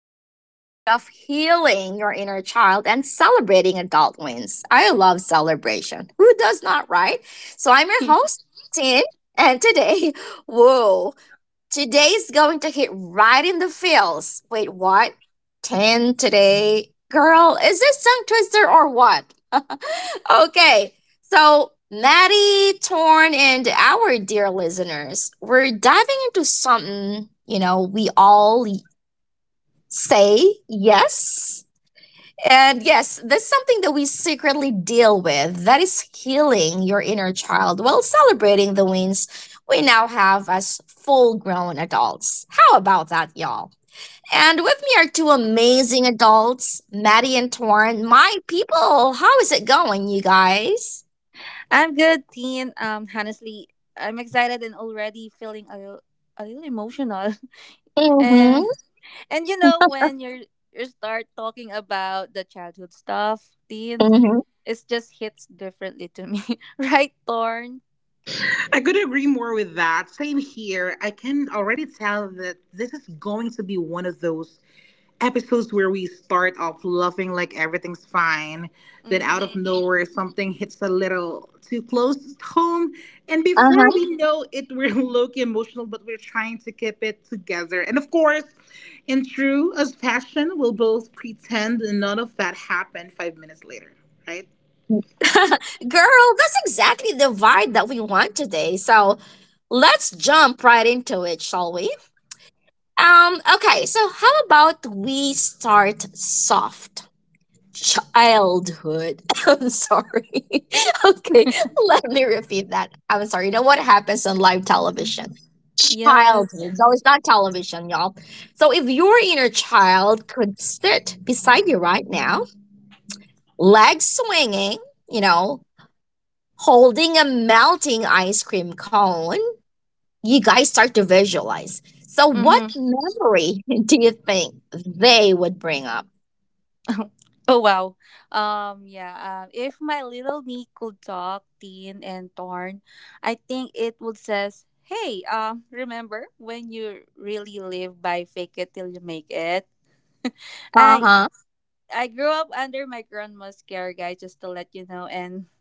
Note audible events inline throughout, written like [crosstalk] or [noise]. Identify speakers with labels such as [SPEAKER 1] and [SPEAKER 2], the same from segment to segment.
[SPEAKER 1] episode of Healing Your Inner Child and Celebrating Adult Wins. I love celebration. Who does not, right? So, I'm your
[SPEAKER 2] [laughs]
[SPEAKER 1] host, Tin, and today, [laughs] whoa, today's going to hit right in the feels. Wait, what? 10 today? Girl, is this tongue twister or what? [laughs] Okay, so Maddie, Torn, and our dear listeners, we're diving into something, you know, we all say yes and yes, that's something that we secretly deal with. That is healing your inner child while celebrating the wins we now have as full grown adults. How about that, y'all? And with me are two amazing adults, Maddie and Torn. My people, how is it going, you guys?
[SPEAKER 2] I'm good, Teen. Honestly, I'm excited and already feeling a little emotional. [laughs] and
[SPEAKER 1] Mm-hmm.
[SPEAKER 2] and you know when you start talking about the childhood stuff, Teen,
[SPEAKER 1] Mm-hmm.
[SPEAKER 2] it just hits differently to me, [laughs] right, Thorn?
[SPEAKER 3] I could agree more with that. Same here. I can already tell that this is going to be one of those episodes where we start off loving like everything's fine. Then
[SPEAKER 2] Mm-hmm.
[SPEAKER 3] out of nowhere, something hits a little too close to home. And
[SPEAKER 1] Uh-huh.
[SPEAKER 3] before we know it, we're [laughs] low key emotional, but we're trying to keep it together. And of course, in true as fashion, we'll both pretend none of that happened 5 minutes later, right?
[SPEAKER 1] [laughs] Girl, that's exactly the vibe that we want today. So let's jump right into it, shall we? Okay, so how about we start soft? Childhood. [laughs] I'm sorry. [laughs] Okay, let me repeat that. I'm sorry. You know what happens on live television?
[SPEAKER 2] Yes.
[SPEAKER 1] Childhood. No, it's not television, y'all. So if your inner child could sit beside you right now, legs swinging, you know, holding a melting ice cream cone, you guys start to visualize. So, what
[SPEAKER 2] Mm-hmm.
[SPEAKER 1] memory [laughs] do you think they would bring up?
[SPEAKER 2] Oh wow. Yeah, if my little me could talk, Teen and Torn, I think it would says, "Hey, remember when you really live by fake it till you make it?"
[SPEAKER 1] Uh
[SPEAKER 2] [laughs]
[SPEAKER 1] huh.
[SPEAKER 2] I I grew up under my grandma's care, guys, just to let you know. And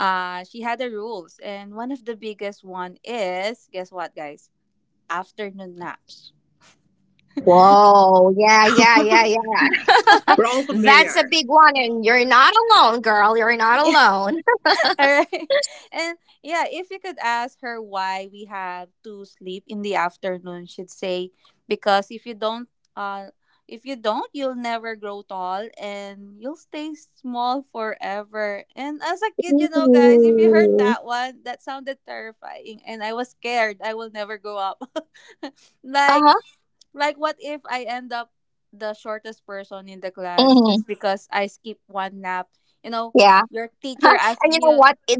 [SPEAKER 2] she had the rules, and one of the biggest one is, guess what, guys? Afternoon naps.
[SPEAKER 1] Whoa. Yeah, yeah, yeah, yeah.
[SPEAKER 3] We're all
[SPEAKER 1] [laughs] That's a
[SPEAKER 3] familiar.
[SPEAKER 1] big one. And you're not alone, girl. You're not
[SPEAKER 2] [laughs]
[SPEAKER 1] alone. [laughs]
[SPEAKER 2] All right. [laughs] And yeah, if you could ask her why we have to sleep in the afternoon, she'd say, because uh if you don't, you'll never grow tall and you'll stay small forever. And as a kid, you know, guys, if you heard that one, that sounded terrifying and I was scared I will never grow up. [laughs]
[SPEAKER 1] Uh
[SPEAKER 2] like
[SPEAKER 1] huh.
[SPEAKER 2] like what if I end up the shortest person in the class
[SPEAKER 1] Hmm.
[SPEAKER 2] just because I skip one nap? You know,
[SPEAKER 1] Yeah.
[SPEAKER 2] your
[SPEAKER 1] [laughs]
[SPEAKER 2] teacher
[SPEAKER 1] And you
[SPEAKER 2] asking
[SPEAKER 1] know
[SPEAKER 2] you.
[SPEAKER 1] what? It,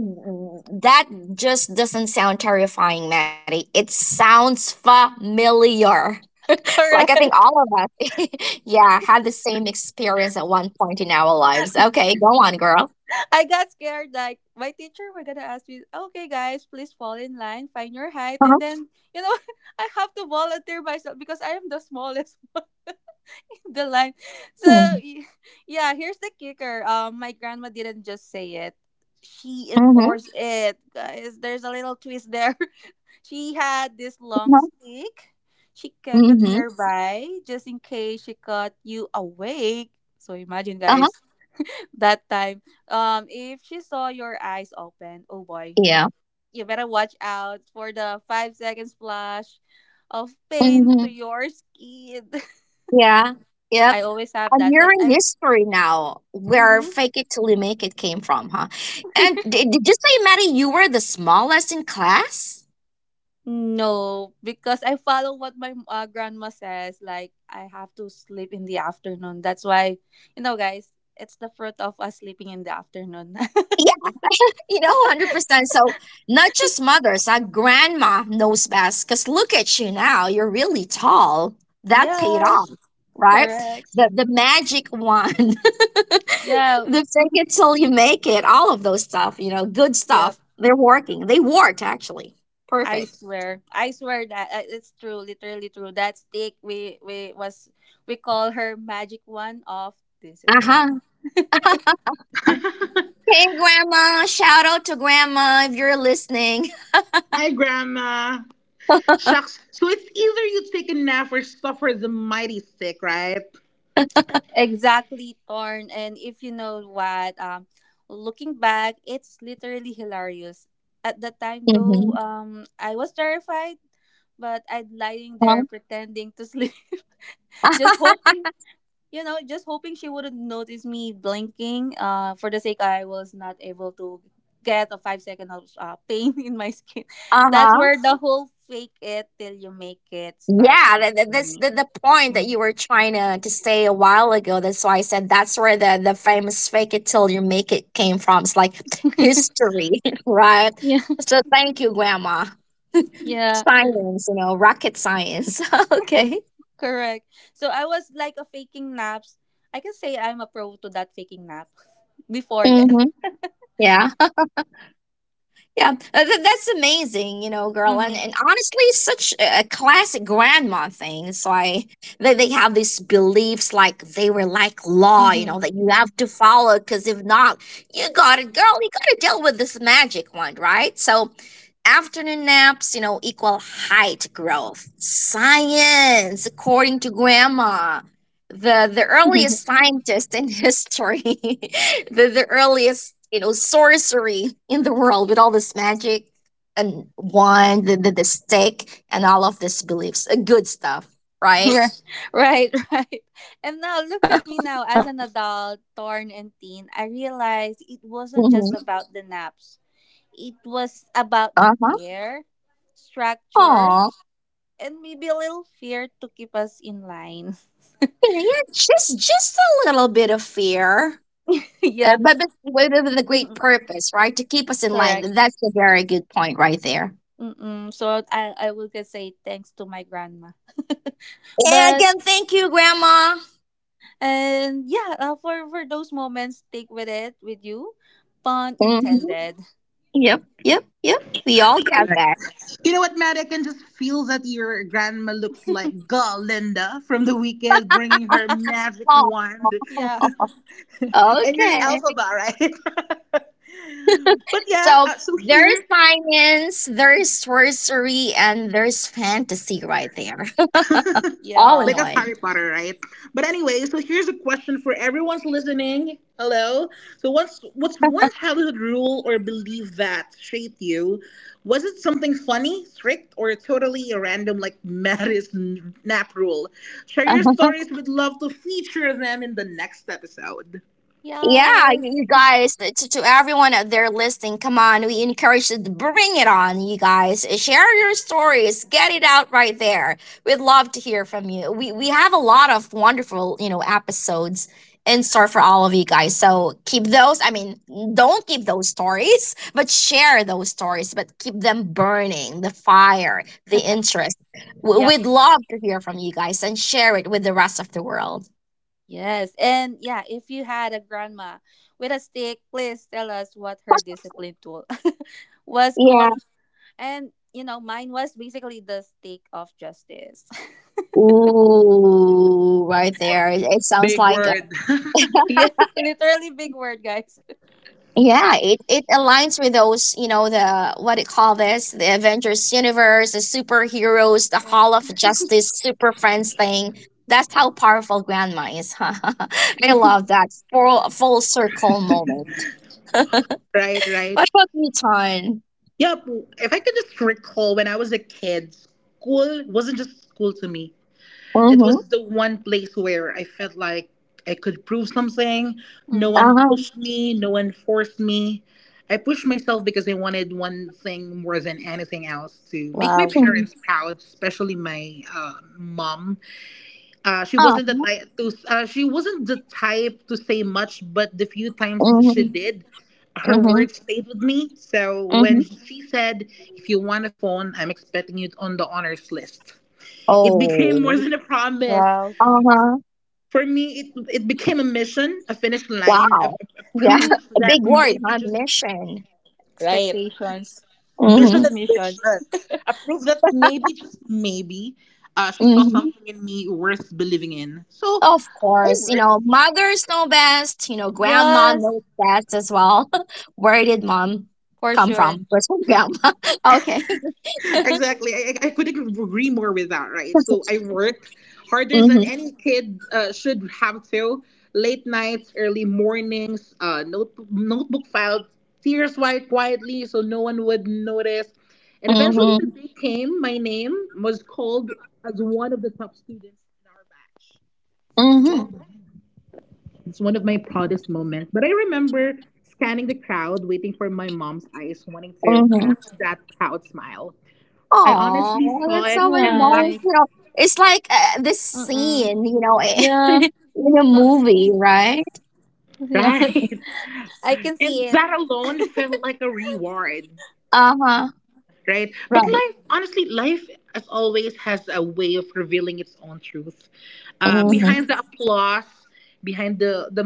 [SPEAKER 1] that just doesn't sound terrifying, Maddie. It sounds familiar. Like I think
[SPEAKER 2] Correct.
[SPEAKER 1] all of us, [laughs] yeah, had the same experience at one point in our lives. Okay, go on, girl.
[SPEAKER 2] [laughs] I got scared. Like my teacher were gonna ask me, "Okay, guys, please fall in line, find your height,"
[SPEAKER 1] Uh-huh.
[SPEAKER 2] and then you know [laughs] I have to volunteer myself because I am the smallest [laughs] one in the line. So y- yeah, here's the kicker. My grandma didn't just say it; she
[SPEAKER 1] Mm-hmm. Uh-huh.
[SPEAKER 2] enforced it, guys. There's a little twist there. [laughs] She had this long stick. She kept it
[SPEAKER 1] Mm-hmm.
[SPEAKER 2] nearby just in case she caught you awake. So imagine,
[SPEAKER 1] Uh-huh.
[SPEAKER 2] guys, that time. If she saw your eyes open, oh boy,
[SPEAKER 1] Yeah.
[SPEAKER 2] you better watch out for the 5-second splash of pain to
[SPEAKER 1] Mm-hmm.
[SPEAKER 2] your skin. [laughs]
[SPEAKER 1] Yeah. Yep.
[SPEAKER 2] I always have
[SPEAKER 1] I'm
[SPEAKER 2] that. Like
[SPEAKER 1] hearing
[SPEAKER 2] I.
[SPEAKER 1] history now where
[SPEAKER 2] Mm-hmm.
[SPEAKER 1] fake it till you make it came from, huh? And did you say, Maddie, you were the smallest in class?
[SPEAKER 2] No, because I follow what my grandma says. Like I have to sleep in the afternoon. That's why, you know, guys, it's the fruit of us sleeping in the afternoon.
[SPEAKER 1] Yeah, [laughs] you know, 100%. So, not just mothers, our grandma knows best. Because look at you now, you're really tall.
[SPEAKER 2] [laughs]
[SPEAKER 1] That paid off,
[SPEAKER 2] Yes,
[SPEAKER 1] right?
[SPEAKER 2] correct.
[SPEAKER 1] The magic wand, [laughs] the
[SPEAKER 2] Yeah,
[SPEAKER 1] fake it till you make it, all of those stuff, you know, good
[SPEAKER 2] yeah.
[SPEAKER 1] stuff. They're working. They worked, actually.
[SPEAKER 2] I
[SPEAKER 1] Perfect.
[SPEAKER 2] swear, I swear that it's true, literally true. That stick, we call her magic one of
[SPEAKER 1] Uh
[SPEAKER 2] discipline.
[SPEAKER 1] huh. [laughs]
[SPEAKER 2] [laughs]
[SPEAKER 1] Hey, grandma. Shout out to grandma if you're listening.
[SPEAKER 3] Hi, Grandma. Shucks. So it's either you take a nap or suffer the mighty sick, right?
[SPEAKER 2] Exactly, Torn. And if you know what, looking back, it's literally hilarious. At the
[SPEAKER 1] [laughs]
[SPEAKER 2] time,
[SPEAKER 1] Mm-hmm.
[SPEAKER 2] though, I was terrified, but I'd lying there pretending to sleep, [laughs]
[SPEAKER 1] Uh
[SPEAKER 2] just hoping just hoping she wouldn't notice me blinking. For the sake I was not able to get a 5-second of pain [laughs] in my skin. That's
[SPEAKER 1] huh.
[SPEAKER 2] where
[SPEAKER 1] [laughs]
[SPEAKER 2] the whole fake it till you make it started,
[SPEAKER 1] Yeah, that, that,
[SPEAKER 2] for
[SPEAKER 1] that's
[SPEAKER 2] me.
[SPEAKER 1] the point that
[SPEAKER 2] Mm.
[SPEAKER 1] you were trying to say a while ago. That's why I said that's where the famous fake it till you make it came from. It's like history, [laughs] right?
[SPEAKER 2] Yeah,
[SPEAKER 1] So thank you, Grandma.
[SPEAKER 2] [laughs]
[SPEAKER 1] [laughs]
[SPEAKER 2] yeah,
[SPEAKER 1] Science, you know, rocket science. [laughs] Okay.
[SPEAKER 2] correct. So I was like a faking naps. I can say I'm a pro to that faking nap [laughs] before then.
[SPEAKER 1] Mm-hmm. Yeah. Yeah, that's amazing, you know, girl.
[SPEAKER 2] Mm-hmm.
[SPEAKER 1] And honestly, it's such a classic grandma thing. It's like they have these beliefs like they were like law, you
[SPEAKER 2] Mm-hmm.
[SPEAKER 1] know, that you have to follow because if not, you got it, girl. You got to deal with this magic one, right? So, afternoon naps, you know, equal height growth. Science, according to grandma, the earliest
[SPEAKER 2] [laughs]
[SPEAKER 1] scientist in history. [laughs] The earliest, you know, sorcery in the world with all this magic and wand, the stick and all of these beliefs, good stuff, right.
[SPEAKER 2] Right, [laughs] right, right. And now look at me now as an adult, Torn and Teen. I realized it
[SPEAKER 1] Mm-hmm.
[SPEAKER 2] wasn't just about the naps. It was about the
[SPEAKER 1] Uh-huh.
[SPEAKER 2] care, structure,
[SPEAKER 1] Oh
[SPEAKER 2] and maybe a little fear to keep us in line.
[SPEAKER 1] yeah, yeah, just a little bit of fear. uh,
[SPEAKER 2] [laughs] Yeah,
[SPEAKER 1] but, but with a great
[SPEAKER 2] mhm,
[SPEAKER 1] purpose, right, to keep us in
[SPEAKER 2] correct.
[SPEAKER 1] line. That's a very good point right there.
[SPEAKER 2] Mm-mm. So I would just say thanks to my grandma.
[SPEAKER 1] And
[SPEAKER 2] But,
[SPEAKER 1] again, thank you, grandma.
[SPEAKER 2] and, yeah, for those moments, take with it with you, pun
[SPEAKER 1] Hmm.
[SPEAKER 2] intended. [laughs]
[SPEAKER 1] Yep, yep, yep. We all got that.
[SPEAKER 3] Correct. You know what, Matt? I can just feel that your grandma looks like Galinda from the weekend, bringing her magic
[SPEAKER 1] [laughs]
[SPEAKER 3] wand
[SPEAKER 2] Yeah,
[SPEAKER 3] [laughs]
[SPEAKER 1] Oh,
[SPEAKER 3] and your
[SPEAKER 1] okay.
[SPEAKER 3] alphabet, right? [laughs] But yeah,
[SPEAKER 1] So
[SPEAKER 3] so
[SPEAKER 1] there's
[SPEAKER 3] here.
[SPEAKER 1] science, there's sorcery, and there's fantasy right there, [laughs]
[SPEAKER 3] [laughs]
[SPEAKER 1] all
[SPEAKER 2] yeah,
[SPEAKER 1] in
[SPEAKER 3] Like a
[SPEAKER 1] one.
[SPEAKER 3] Harry Potter, right? But anyway, so here's a question for everyone's listening. Hello. So what's one childhood rule or belief that shaped you? Was it something funny, strict, or totally a random like [laughs] Maddest nap rule? Share your
[SPEAKER 1] Uh-huh.
[SPEAKER 3] stories. We'd love to feature them in the next episode.
[SPEAKER 1] Yeah,
[SPEAKER 2] yes.
[SPEAKER 1] you guys, to everyone out there listening, come on, we encourage you to bring it on, you guys. Share your stories, get it out right there. We'd love to hear from you. We have a lot of wonderful, you know, episodes in store for all of you guys. So keep those. I mean, don't keep those stories, but share those stories, but keep them burning, the fire, the interest. We-
[SPEAKER 2] Yeah.
[SPEAKER 1] We'd love to hear from you guys and share it with the rest of the world.
[SPEAKER 2] Yes. And yeah, if you had a grandma with a stick, please tell us what her discipline tool [laughs] was
[SPEAKER 1] Yeah.
[SPEAKER 2] called. And, mine was basically the stick of justice.
[SPEAKER 1] Ooh, right there. It sounds
[SPEAKER 3] Big
[SPEAKER 1] like a,
[SPEAKER 3] word. [laughs]
[SPEAKER 1] [laughs]
[SPEAKER 2] [laughs] Yeah, literally big word, guys.
[SPEAKER 1] yeah, it aligns with those, you know, the what do you call this? The Avengers universe, the superheroes, the
[SPEAKER 2] Yeah.
[SPEAKER 1] Hall of Justice,
[SPEAKER 2] [laughs]
[SPEAKER 1] Super Friends thing. That's how powerful grandma is. [laughs] I
[SPEAKER 2] Yeah.
[SPEAKER 1] love that full circle moment.
[SPEAKER 3] Right, right.
[SPEAKER 1] What about you, Ton?
[SPEAKER 3] Yep. If I could just recall when I was a kid, school wasn't just school to me. It
[SPEAKER 1] Mm-hmm.
[SPEAKER 3] was the one place where I felt like I could prove something. No one
[SPEAKER 2] Mm-hmm.
[SPEAKER 1] Uh-huh.
[SPEAKER 3] pushed me, no one forced me. I pushed myself because I wanted one thing more than anything else to make my
[SPEAKER 2] Wow.
[SPEAKER 1] Mm-hmm.
[SPEAKER 3] parents proud, especially my mom.
[SPEAKER 1] Uh-huh.
[SPEAKER 3] She wasn't the type to say much, but the few times
[SPEAKER 1] Mm-hmm.
[SPEAKER 3] she did, her
[SPEAKER 1] Mm-hmm.
[SPEAKER 2] Mm-hmm.
[SPEAKER 3] words stayed with me. So when
[SPEAKER 1] Mm-hmm.
[SPEAKER 3] she said, "If you want a phone, I'm expecting it on the honors list," it became
[SPEAKER 1] Oh.
[SPEAKER 3] more than a promise.
[SPEAKER 2] Wow.
[SPEAKER 1] Uh-huh.
[SPEAKER 3] For me, it became a mission, a finish line, a,
[SPEAKER 1] Wow.
[SPEAKER 3] a- a
[SPEAKER 1] Yeah.
[SPEAKER 2] [laughs]
[SPEAKER 3] proof
[SPEAKER 1] [laughs] A
[SPEAKER 3] that
[SPEAKER 1] big word,
[SPEAKER 3] maybe
[SPEAKER 1] huh?
[SPEAKER 3] just
[SPEAKER 1] Mission.
[SPEAKER 3] right,
[SPEAKER 2] Expectations
[SPEAKER 3] mission
[SPEAKER 1] Hmm.
[SPEAKER 2] versus
[SPEAKER 3] and
[SPEAKER 2] mission.
[SPEAKER 3] vision, a proof that maybe just maybe, she saw
[SPEAKER 1] Hmm.
[SPEAKER 3] something in me worth believing in. So
[SPEAKER 1] Of
[SPEAKER 3] I
[SPEAKER 1] course. You
[SPEAKER 3] worked.
[SPEAKER 1] know, mothers know best. You know, grandma
[SPEAKER 2] Yes,
[SPEAKER 1] knows best as well. [laughs] Where did mom
[SPEAKER 2] for
[SPEAKER 1] come
[SPEAKER 2] sure.
[SPEAKER 1] from? Where's her grandma? [laughs] Okay. [laughs]
[SPEAKER 3] Exactly. I couldn't agree more with that, right? So I work harder than
[SPEAKER 1] Mm-hmm.
[SPEAKER 3] any kid should have to. Late nights, early mornings, notebook files, tears wiped quietly so no one would notice. And eventually the
[SPEAKER 1] Mm-hmm.
[SPEAKER 3] day came, my name was called as one of the top students in our batch.
[SPEAKER 1] Mm-hmm.
[SPEAKER 3] It's one of my proudest moments. But I remember scanning the crowd, waiting for my mom's eyes, wanting to
[SPEAKER 1] Mm-hmm.
[SPEAKER 3] catch that proud smile. I honestly
[SPEAKER 1] Oh,
[SPEAKER 3] saw
[SPEAKER 1] that's
[SPEAKER 3] it,
[SPEAKER 1] so
[SPEAKER 3] and that
[SPEAKER 2] Right.
[SPEAKER 1] emotional. It's like this
[SPEAKER 2] Mm-mm.
[SPEAKER 1] scene, you know,
[SPEAKER 2] Yeah.
[SPEAKER 1] [laughs] in a
[SPEAKER 2] No,
[SPEAKER 1] movie, right?
[SPEAKER 2] yeah.
[SPEAKER 3] right. [laughs]
[SPEAKER 2] [laughs] I can
[SPEAKER 3] And
[SPEAKER 2] see it.
[SPEAKER 3] that alone felt like a reward,
[SPEAKER 1] Uh huh.
[SPEAKER 3] right? But
[SPEAKER 1] Right.
[SPEAKER 3] life, honestly, life, as always, has a way of revealing its own truth.
[SPEAKER 1] Mm-hmm.
[SPEAKER 3] Behind the
[SPEAKER 2] Mm-hmm.
[SPEAKER 3] applause, behind the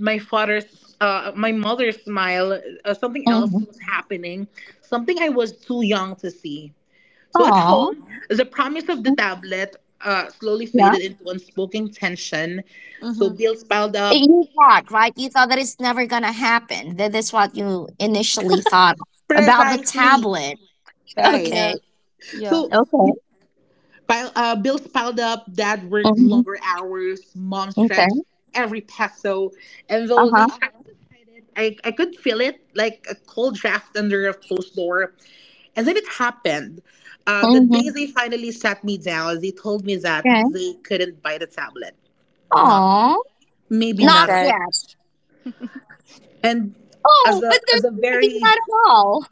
[SPEAKER 3] my my mother's smile, something else
[SPEAKER 1] Mm-hmm.
[SPEAKER 3] was happening, something I was too young to see. So at
[SPEAKER 1] Oh.
[SPEAKER 3] home, the promise of the tablet slowly faded into unspoken tension. So
[SPEAKER 2] Mm-hmm.
[SPEAKER 3] bills piled
[SPEAKER 1] It-
[SPEAKER 3] up.
[SPEAKER 1] You thought, right? You thought that it's never gonna happen. That is what you initially thought about the
[SPEAKER 3] Precisely.
[SPEAKER 1] tablet. [laughs]
[SPEAKER 3] Right.
[SPEAKER 2] Yeah,
[SPEAKER 1] Okay.
[SPEAKER 2] yeah.
[SPEAKER 3] So
[SPEAKER 1] Okay.
[SPEAKER 3] Bills piled up, dad worked
[SPEAKER 1] Hmm.
[SPEAKER 3] longer hours, mom
[SPEAKER 1] Okay.
[SPEAKER 3] stretched every peso, and
[SPEAKER 1] Uh
[SPEAKER 3] those
[SPEAKER 1] huh.
[SPEAKER 3] each I could feel it like a cold draft under a closed door. And then it happened. The
[SPEAKER 1] Hmm.
[SPEAKER 3] day they finally sat me down, they told me that
[SPEAKER 1] Okay.
[SPEAKER 3] they couldn't buy the tablet. Not yet.
[SPEAKER 1] Aw,
[SPEAKER 3] Maybe
[SPEAKER 2] That's
[SPEAKER 1] not
[SPEAKER 3] not at all.
[SPEAKER 2] sad.
[SPEAKER 1] yet.
[SPEAKER 3] And as
[SPEAKER 1] Oh, but
[SPEAKER 3] a
[SPEAKER 1] there's
[SPEAKER 3] as a
[SPEAKER 1] maybe
[SPEAKER 3] very
[SPEAKER 1] not at all.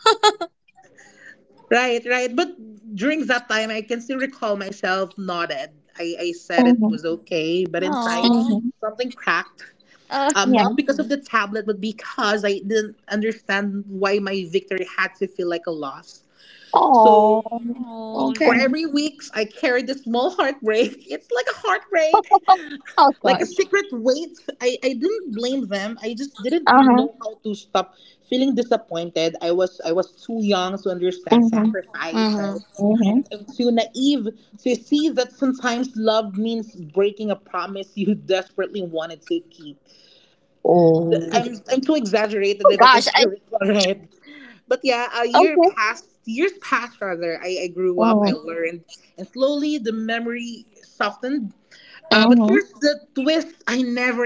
[SPEAKER 3] right, right. But during that time I can still recall myself nodded. I said it
[SPEAKER 1] Hmm.
[SPEAKER 3] was okay, but inside
[SPEAKER 2] Aww.
[SPEAKER 1] Hmm.
[SPEAKER 3] something cracked
[SPEAKER 2] Uh,
[SPEAKER 3] not
[SPEAKER 1] Yeah.
[SPEAKER 3] because of the tablet, but because I didn't understand why my victory had to feel like a loss.
[SPEAKER 1] Oh.
[SPEAKER 3] So
[SPEAKER 2] oh.
[SPEAKER 3] for
[SPEAKER 1] Okay.
[SPEAKER 3] every week, I carried a small heartbreak. [laughs] It's like a heartbreak,
[SPEAKER 1] [laughs] Oh
[SPEAKER 3] like a
[SPEAKER 1] gosh.
[SPEAKER 3] secret weight. I didn't blame them. I just didn't
[SPEAKER 1] Uh huh.
[SPEAKER 3] know how to stop feeling disappointed. I was too young to understand
[SPEAKER 1] Hmm.
[SPEAKER 3] sacrifice,
[SPEAKER 2] Mm-hmm.
[SPEAKER 3] right? I
[SPEAKER 1] Hmm.
[SPEAKER 3] am too naive to see that sometimes love means breaking a promise you desperately wanted to keep.
[SPEAKER 1] Oh.
[SPEAKER 3] I'm too exaggerated
[SPEAKER 1] Oh
[SPEAKER 3] if I can [laughs]
[SPEAKER 1] gosh.
[SPEAKER 3] say
[SPEAKER 1] I.
[SPEAKER 3] it alright. But yeah, a year
[SPEAKER 1] Okay.
[SPEAKER 3] passed, years passed rather. I grew up, I
[SPEAKER 1] Mm-hmm.
[SPEAKER 3] learned, and slowly the memory softened. But
[SPEAKER 1] Mm-hmm.
[SPEAKER 3] here's the twist I never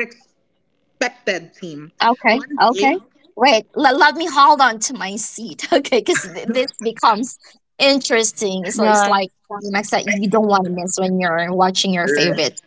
[SPEAKER 3] expected, team.
[SPEAKER 1] Okay,
[SPEAKER 3] One day,
[SPEAKER 1] okay. Wait, let me hold on to my seat, [laughs] okay? Because this becomes interesting. It's
[SPEAKER 2] Yeah.
[SPEAKER 1] like one max that you don't want to miss when you're watching your favorite.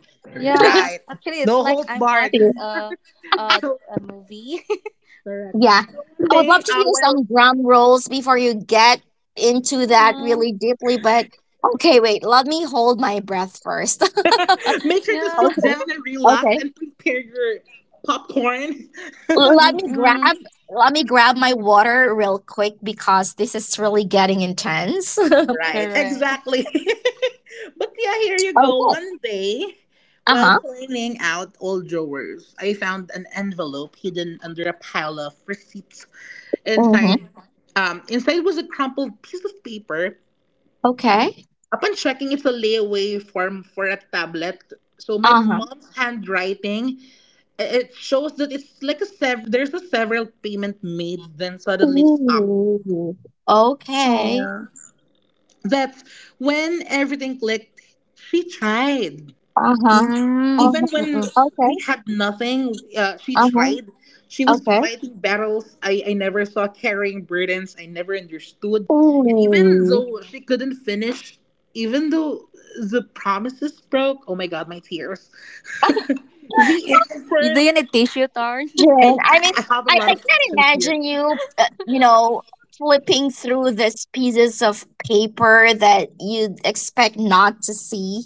[SPEAKER 1] [laughs]
[SPEAKER 2] Yeah. ac-
[SPEAKER 3] right?
[SPEAKER 2] Actually, it's
[SPEAKER 3] No
[SPEAKER 2] like
[SPEAKER 3] holds
[SPEAKER 2] I'm
[SPEAKER 3] barred.
[SPEAKER 2] watching a,
[SPEAKER 3] So
[SPEAKER 2] a movie. [laughs]
[SPEAKER 3] correct.
[SPEAKER 1] Yeah,
[SPEAKER 3] One
[SPEAKER 1] I would
[SPEAKER 3] day,
[SPEAKER 1] love to hear some drum rolls before you get into that
[SPEAKER 2] Aw,
[SPEAKER 1] really deeply, but okay, wait, let me hold my breath first. [laughs]
[SPEAKER 3] [laughs] make sure to
[SPEAKER 2] yeah.
[SPEAKER 3] sit
[SPEAKER 1] Okay,
[SPEAKER 3] down and
[SPEAKER 1] okay.
[SPEAKER 3] relax and prepare your popcorn. [laughs]
[SPEAKER 1] Let me
[SPEAKER 2] Mm-mm.
[SPEAKER 1] grab let me grab my water real quick because this is really getting intense. [laughs] Okay.
[SPEAKER 3] Right,
[SPEAKER 2] Correct.
[SPEAKER 3] exactly. [laughs] But yeah, here you go.
[SPEAKER 1] Uh-huh.
[SPEAKER 3] One day, while cleaning out old drawers, I found an envelope hidden under a pile of receipts.
[SPEAKER 1] Mm-hmm.
[SPEAKER 3] Inside, inside was a crumpled piece of paper.
[SPEAKER 1] Okay.
[SPEAKER 3] Upon checking, it's a layaway form for a tablet. So my
[SPEAKER 1] Uh-huh.
[SPEAKER 3] mom's handwriting it shows that it's like a there's a several payment made, then suddenly it stopped.
[SPEAKER 1] Ooh. Okay.
[SPEAKER 2] Oh.
[SPEAKER 3] That's when everything clicked. She tried
[SPEAKER 1] Uh-huh.
[SPEAKER 2] Mm.
[SPEAKER 1] Uh-huh.
[SPEAKER 3] even when
[SPEAKER 2] Mm-mm.
[SPEAKER 3] we
[SPEAKER 1] Okay.
[SPEAKER 3] had nothing. She
[SPEAKER 1] Uh-huh.
[SPEAKER 3] tried. She was
[SPEAKER 1] Okay.
[SPEAKER 3] fighting battles I never saw, carrying burdens I never understood. And even
[SPEAKER 1] Ooh.
[SPEAKER 3] though she couldn't finish, even though the promises broke, oh my god, my tears. [laughs]
[SPEAKER 1] [laughs]
[SPEAKER 3] The
[SPEAKER 2] Y- Do
[SPEAKER 3] effort,
[SPEAKER 2] you need tissue, Tarn?
[SPEAKER 1] Jen,
[SPEAKER 3] and
[SPEAKER 1] I mean,
[SPEAKER 3] I have a
[SPEAKER 1] I,
[SPEAKER 3] lot
[SPEAKER 1] I
[SPEAKER 3] of
[SPEAKER 1] can't
[SPEAKER 3] tissues here.
[SPEAKER 1] imagine you, you know, flipping through these pieces of paper that you'd expect not to see.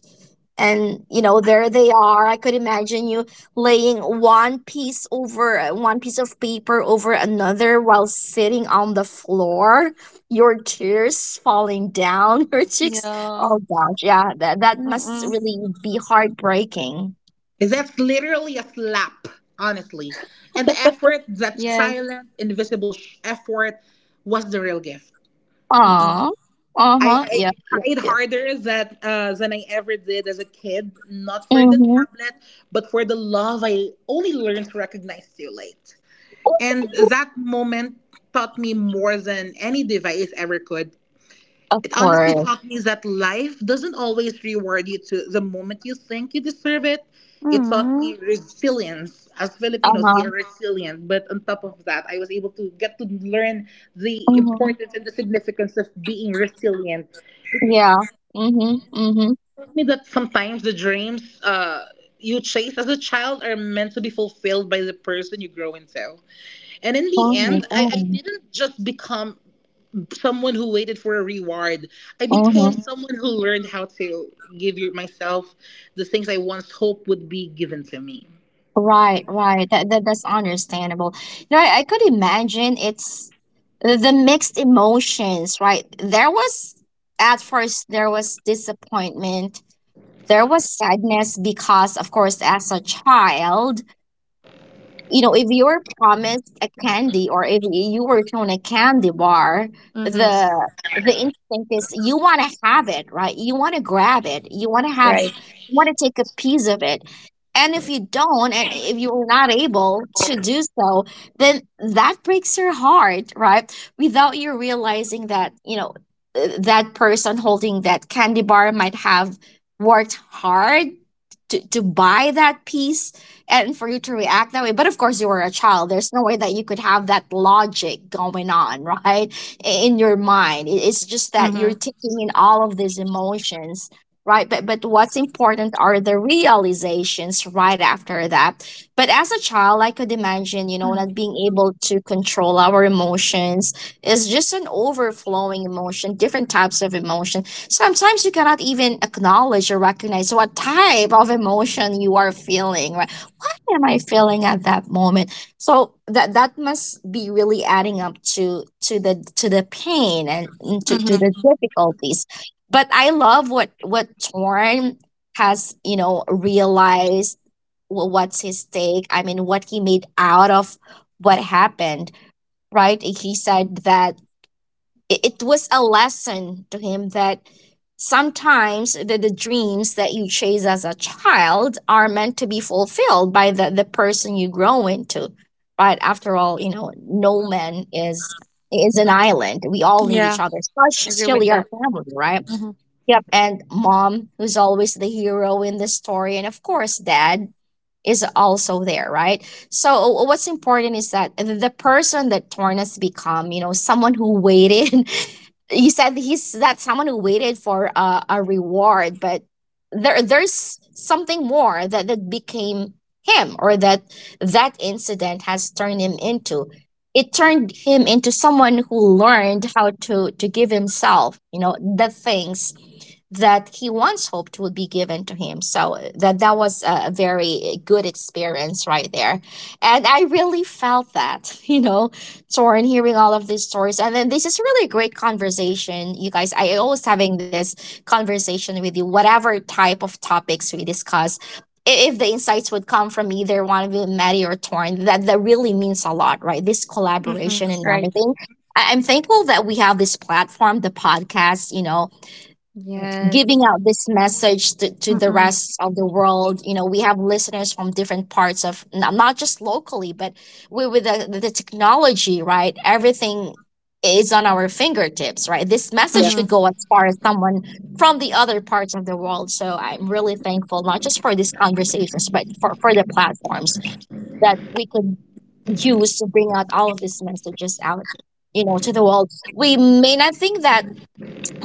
[SPEAKER 1] And, you know, there they are. I could imagine you laying one piece over one piece of paper over another while sitting on the floor, your tears falling down [laughs] your
[SPEAKER 2] [laughs]
[SPEAKER 1] cheeks.
[SPEAKER 2] Yeah.
[SPEAKER 1] Oh, gosh. Yeah, that must
[SPEAKER 2] Mm-mm.
[SPEAKER 1] really be heartbreaking.
[SPEAKER 3] That's literally a slap, honestly. And the
[SPEAKER 1] [laughs]
[SPEAKER 3] effort, that
[SPEAKER 2] Yes.
[SPEAKER 3] silent, invisible effort, was the real gift.
[SPEAKER 2] Mm-mm.
[SPEAKER 1] Aw.
[SPEAKER 3] I,
[SPEAKER 1] Uh-huh.
[SPEAKER 3] I
[SPEAKER 1] Yeah.
[SPEAKER 3] tried
[SPEAKER 1] Yeah.
[SPEAKER 3] harder than I ever did as a kid, not for the
[SPEAKER 1] Mhm.
[SPEAKER 3] tablet, but for the love I only learned to recognize too late. And that moment taught me more than any device ever could.
[SPEAKER 1] Of
[SPEAKER 3] It honestly
[SPEAKER 1] course.
[SPEAKER 3] taught me that life doesn't always reward you to the moment you think you deserve it. It taught
[SPEAKER 2] Mm-hmm.
[SPEAKER 3] me resilience. As Filipinos, we
[SPEAKER 1] Uh-huh.
[SPEAKER 3] are resilient. But on top of that, I was able to get to learn the
[SPEAKER 1] Mhm.
[SPEAKER 3] importance and the significance of being resilient
[SPEAKER 1] Yeah. Mhm. Mhm.
[SPEAKER 3] me that sometimes the dreams you chase as a child are meant to be fulfilled by the person you grow into. And in the
[SPEAKER 1] Oh my
[SPEAKER 3] end, I
[SPEAKER 1] God.
[SPEAKER 3] didn't just become someone who waited for a reward. I became
[SPEAKER 1] Mhm.
[SPEAKER 3] someone who learned how to myself the things I once hoped would be given to me.
[SPEAKER 1] Right, right. That's understandable. You know, I could imagine it's the mixed emotions, right? There was at first there was disappointment. There was sadness because, of course, as a child, you know, if you're promised a candy or if you were shown a candy bar,
[SPEAKER 2] Mm-hmm.
[SPEAKER 1] the the instinct is you want to have it, right? You want to grab it. You want to have,
[SPEAKER 2] Right.
[SPEAKER 1] you want to take a piece of it. And if you don't, and if you're not able to do so, then that breaks your heart, right? Without you realizing that, you know, that person holding that candy bar might have worked hard to buy that piece and for you to react that way. But of course, you were a child. There's no way that you could have that logic going on, [laughs] right? In your mind. It's just that
[SPEAKER 2] Mm-hmm.
[SPEAKER 1] you're taking in all of these emotions, right? But what's important are the realizations right after that. But as a child, I could imagine, you know, not being able to control our emotions is just an overflowing emotion, different types of emotions. Sometimes you cannot even acknowledge or recognize what type of emotion you are feeling, right? What am I feeling at that moment? So that that must be really adding up to the pain and to the
[SPEAKER 2] Mm-hmm.
[SPEAKER 1] difficulties. But I love what Torn has, you know, realized what's his take. I mean, what he made out of what happened, right? He said that it was a lesson to him that sometimes the dreams that you chase as a child are meant to be fulfilled by the person you grow into. Right, after all, you know, no man is an island. We all need
[SPEAKER 2] Yeah.
[SPEAKER 1] each other,
[SPEAKER 2] Agree with
[SPEAKER 1] especially our
[SPEAKER 2] that.
[SPEAKER 1] family, right?
[SPEAKER 2] Mm-hmm.
[SPEAKER 1] Yep, and mom, who's always the hero in the story, and of course dad is also there, right? So what's important is that the person that torn become, you know, someone who waited. [laughs] You said he's that someone who waited for a reward, but there's something more that became him, or that that incident has turned him into. It turned him into someone who learned how to give himself, you know, the things that he once hoped would be given to him. So that that was a very good experience right there. And I really felt that, [laughs] you know, torn hearing all of these stories. And then this is really a great conversation, you guys. I always having this conversation with you, whatever type of topics we discuss. If the insights would come from either one of you, Maddie or Torn, that really means a lot, right? This
[SPEAKER 2] Mm-mm.
[SPEAKER 1] collaboration and
[SPEAKER 2] Right.
[SPEAKER 1] everything. I'm thankful that we have this platform, the podcast, you know, giving
[SPEAKER 2] Yes.
[SPEAKER 1] out this message to the
[SPEAKER 2] Mm-mm.
[SPEAKER 1] rest of the world. You know, we have listeners from different parts of, not just locally, but we, with the technology, right? Everything is on our fingertips, right? This
[SPEAKER 3] Yeah.
[SPEAKER 1] message could go
[SPEAKER 2] Mm-mm.
[SPEAKER 1] as far as someone from the other parts of the world. So I'm really thankful not just for these conversations, but for the platforms that we could use to bring out all of these messages out, you know, to the world. We may not think that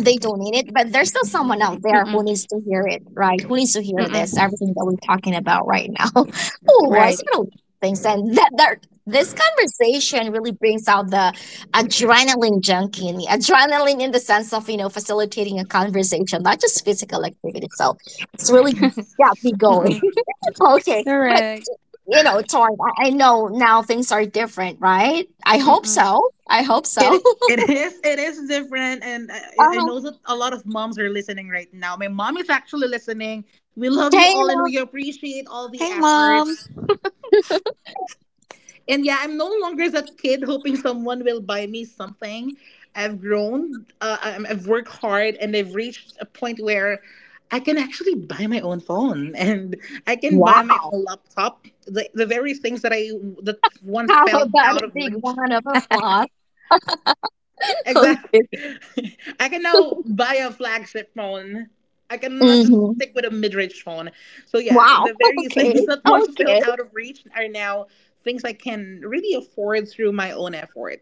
[SPEAKER 1] they don't need it, but there's still someone out there who
[SPEAKER 2] Mm-mm.
[SPEAKER 1] needs to hear it, right? Who needs to hear
[SPEAKER 2] Mm-mm.
[SPEAKER 1] this, everything that we're talking about right now. [laughs] Oh, I
[SPEAKER 2] Right.
[SPEAKER 1] see no things. And that this conversation really brings out the adrenaline junkie in me. Adrenaline in the sense of, you know, facilitating a conversation, not just physical activity. So it's really got me going.
[SPEAKER 2] Mm-mm.
[SPEAKER 1] [laughs] Okay. But
[SPEAKER 2] Correct.
[SPEAKER 1] you know, Torn, I know now things are different, right? I hope
[SPEAKER 2] Mm-mm.
[SPEAKER 1] so. I hope so. [laughs]
[SPEAKER 3] It it is it is different, and I
[SPEAKER 1] Huh.
[SPEAKER 3] know that a lot of moms are listening right now. My mom is actually listening. We love you
[SPEAKER 1] Okay, you
[SPEAKER 3] all, and
[SPEAKER 1] know,
[SPEAKER 3] we appreciate all the
[SPEAKER 2] Hey, mom.
[SPEAKER 3] efforts. And yeah, I'm no longer that kid hoping someone will buy me something. I've grown, I've worked hard, and I've reached a point where I can actually buy my own phone [laughs] and I can buy my
[SPEAKER 1] wow.
[SPEAKER 3] own laptop. The very things that I that
[SPEAKER 1] [laughs]
[SPEAKER 3] once
[SPEAKER 1] How
[SPEAKER 3] felt
[SPEAKER 1] about
[SPEAKER 3] out
[SPEAKER 1] a
[SPEAKER 3] of
[SPEAKER 1] big
[SPEAKER 3] reach.
[SPEAKER 1] round of applause? [laughs] Okay.
[SPEAKER 3] Exactly. [laughs] I can now buy a flagship phone. I cannot just
[SPEAKER 1] hmm
[SPEAKER 3] stick with a mid-range phone. So yeah,
[SPEAKER 1] Wow.
[SPEAKER 3] the
[SPEAKER 1] [laughs]
[SPEAKER 3] various [laughs]
[SPEAKER 1] Okay.
[SPEAKER 3] things that once felt
[SPEAKER 1] Okay.
[SPEAKER 3] out of reach are now things I can really afford through my own effort.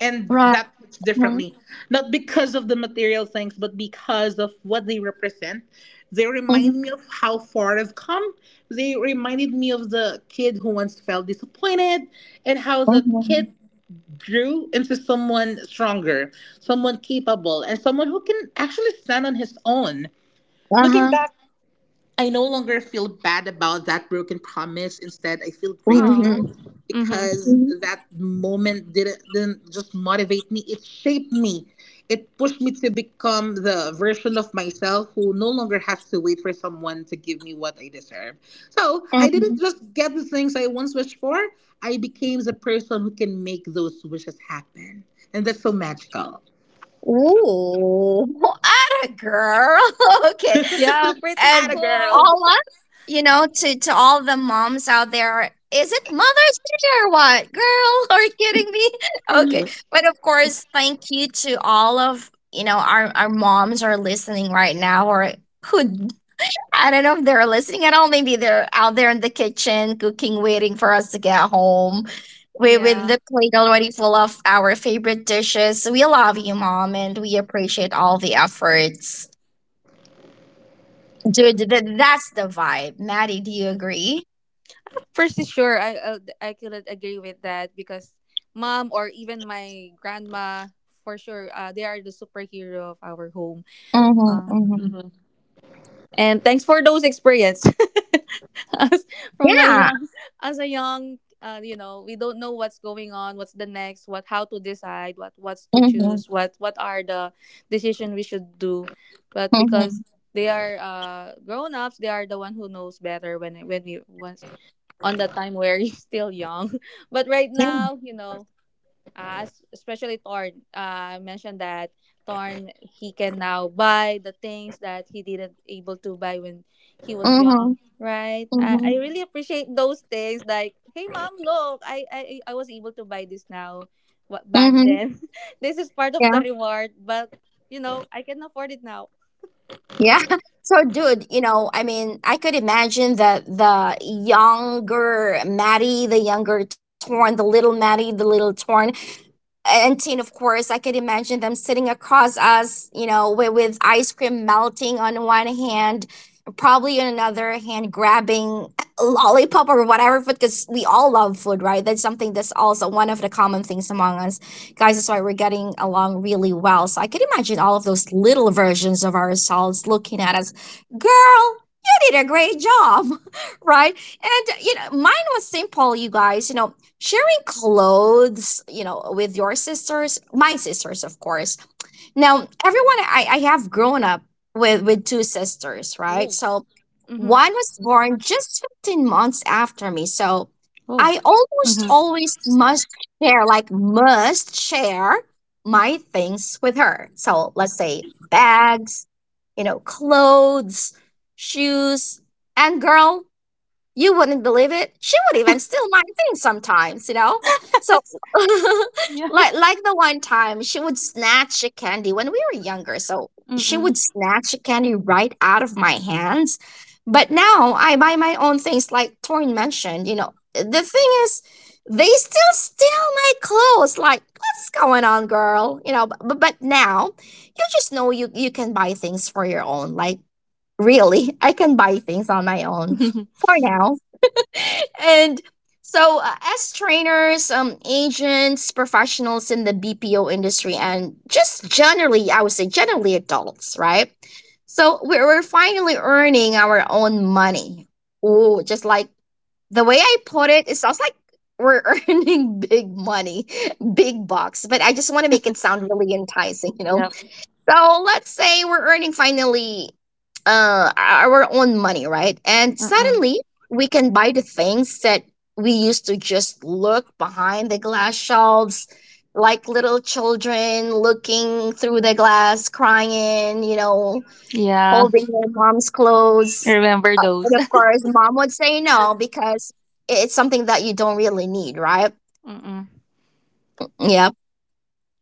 [SPEAKER 3] And
[SPEAKER 1] Right.
[SPEAKER 3] that hits
[SPEAKER 1] Uh-huh.
[SPEAKER 3] differently. Not because of the material things, but because of what they represent. They
[SPEAKER 1] Uh-huh.
[SPEAKER 3] remind me of how far I've come. They reminded me of the kid who once felt disappointed and how the
[SPEAKER 1] Uh-huh.
[SPEAKER 3] kid grew into someone stronger, someone capable, and someone who can actually stand on his own. Looking back, I no longer feel bad about that broken promise. Instead, I feel
[SPEAKER 2] Oh.
[SPEAKER 1] Mm-hmm.
[SPEAKER 3] grateful
[SPEAKER 2] Mm-hmm.
[SPEAKER 3] because
[SPEAKER 1] Mm-hmm.
[SPEAKER 3] that moment didn't just motivate me, it shaped me. It pushed me to become the version of myself who no longer has to wait for someone to give me what I deserve. So I
[SPEAKER 1] Mm-hmm.
[SPEAKER 3] didn't just get the things I once wished for, I became the person who can make those wishes happen. And that's so magical.
[SPEAKER 1] Ooh, [laughs] what a girl. [laughs] Okay.
[SPEAKER 2] Yeah, pretty
[SPEAKER 3] Atta
[SPEAKER 1] And
[SPEAKER 2] cool.
[SPEAKER 3] girl.
[SPEAKER 1] all
[SPEAKER 2] [laughs]
[SPEAKER 1] of, you know, to all the moms out there, is it Mother's Day or what? Girl, [laughs] are you kidding me? [laughs] Okay. But of course, thank you to all of, you know, our moms are listening right now or who, I don't know if they're listening at all. Maybe they're out there in the kitchen cooking, waiting for us to get home. We with
[SPEAKER 2] Yeah.
[SPEAKER 1] the plate already full of our favorite dishes. We love you, mom, and we appreciate all the efforts. Dude, that's the vibe. Maddie, do you agree?
[SPEAKER 2] Pretty sure I couldn't agree with that because mom or even my grandma for sure, they are the superhero of our home.
[SPEAKER 1] Mm-hmm,
[SPEAKER 2] Uh,
[SPEAKER 1] mm-hmm.
[SPEAKER 2] mhm. And thanks for those experience. [laughs] as [laughs] from my
[SPEAKER 1] Yeah.
[SPEAKER 2] young, as a young, we don't know what's going on, what's the next, what, how to decide what, what's to
[SPEAKER 1] Mm-hmm.
[SPEAKER 2] choose, what are the decision we should do. But
[SPEAKER 1] Mm-hmm.
[SPEAKER 2] because they are grown-ups, they are the one who knows better when we was on the time where [laughs] you're still young, but right
[SPEAKER 1] Yeah.
[SPEAKER 2] now, especially Torn, I mentioned that Torn he can now buy the things that he didn't able to buy when he was
[SPEAKER 1] Mm-hmm.
[SPEAKER 2] young, right? I,
[SPEAKER 1] Mm-hmm.
[SPEAKER 2] I really appreciate those things. Like, hey mom, look, I was able to buy this now. What back
[SPEAKER 1] Mm-hmm.
[SPEAKER 2] then, [laughs] this is part of the
[SPEAKER 1] Yeah.
[SPEAKER 2] reward, but you know I can afford it now.
[SPEAKER 1] Yeah. [laughs] So, dude, you know, I mean, I could imagine that the younger Maddie, the younger Torn, the little Maddie, the little Torn, and tin, of course, I could imagine them sitting across us, you know, with ice cream melting on one hand, probably on another hand grabbing a lollipop or whatever food, because we all love food, right? That's something that's also one of the common things among us guys. That's why we're getting along really well. So I could imagine all of those little versions of ourselves looking at us. Girl, you did a great job. [laughs] Right. And you know, mine was simple, you guys, you know, sharing clothes, you know, with your sisters, my sisters, of course. Now, everyone, I have grown up with two sisters, right?
[SPEAKER 2] Oh,
[SPEAKER 1] So
[SPEAKER 2] mm-hmm.
[SPEAKER 1] one was born just 15 months after me. So
[SPEAKER 2] Oh.
[SPEAKER 1] I almost
[SPEAKER 2] Mm-hmm.
[SPEAKER 1] always must share, like must share my things with her. So let's say bags, you know, clothes, shoes, and girl, you wouldn't believe it. She would even steal my things sometimes, you know? So
[SPEAKER 2] Yeah,
[SPEAKER 1] [laughs] like the one time she would snatch a candy when we were younger. So she
[SPEAKER 2] mm-mm.
[SPEAKER 1] would snatch a candy right out of my hands. But now I buy my own things like Torin mentioned, you know. The thing is they still steal my clothes. Like, what's going on, girl? You know, but now you just know you, you can buy things for your own. Like, really, I can buy things on my own
[SPEAKER 2] [laughs]
[SPEAKER 1] for now. And so as trainers agents, professionals in the BPO industry, and just generally, I would say generally adults, right? So we're finally earning our own money. Oh, just like the way I put it, it sounds like we're [laughs] earning big money, big bucks, but I just want to make it sound really enticing, you know.
[SPEAKER 2] Yep.
[SPEAKER 1] So let's say we're earning finally our own money, right? And
[SPEAKER 2] Mm-mm.
[SPEAKER 1] suddenly we can buy the things that we used to just look behind the glass shelves, like little children looking through the glass, crying, you know,
[SPEAKER 2] Yeah.
[SPEAKER 1] holding their mom's
[SPEAKER 2] I
[SPEAKER 1] clothes.
[SPEAKER 2] remember those.
[SPEAKER 1] And of course, mom would say no because it's something that you don't really need, right?
[SPEAKER 2] [laughs] Mm-mm.
[SPEAKER 1] Yep.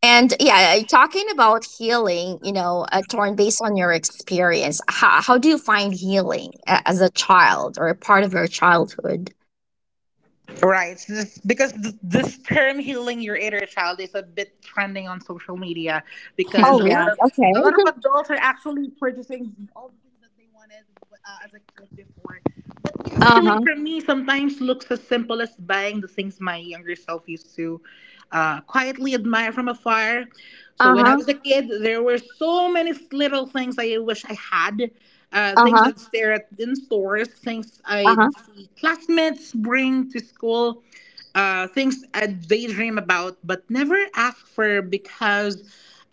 [SPEAKER 1] And yeah, talking about healing, you know, Torn, based on your experience, how do you find healing as a child or a part of your childhood?
[SPEAKER 3] Right. So this, because this term healing your inner child is a bit trending on social media
[SPEAKER 2] [laughs]
[SPEAKER 3] because
[SPEAKER 1] Oh,
[SPEAKER 3] a lot
[SPEAKER 1] really?
[SPEAKER 2] Yeah.
[SPEAKER 3] of a lot of
[SPEAKER 1] Okay.
[SPEAKER 3] adults are actually purchasing all the things that they wanted as a kid before. But yes,
[SPEAKER 1] Uh
[SPEAKER 3] healing
[SPEAKER 1] huh.
[SPEAKER 3] for me sometimes looks as simple as buying the things my younger self used to quietly admire from afar. So
[SPEAKER 1] Uh
[SPEAKER 3] when I
[SPEAKER 1] huh.
[SPEAKER 3] was a kid, there were so many little things I wish I had.
[SPEAKER 1] Uh
[SPEAKER 3] Things
[SPEAKER 1] huh.
[SPEAKER 3] I'd stare at in stores, things
[SPEAKER 1] Uh huh.
[SPEAKER 3] I'd see classmates bring to school, things I'd daydream about, but never ask for because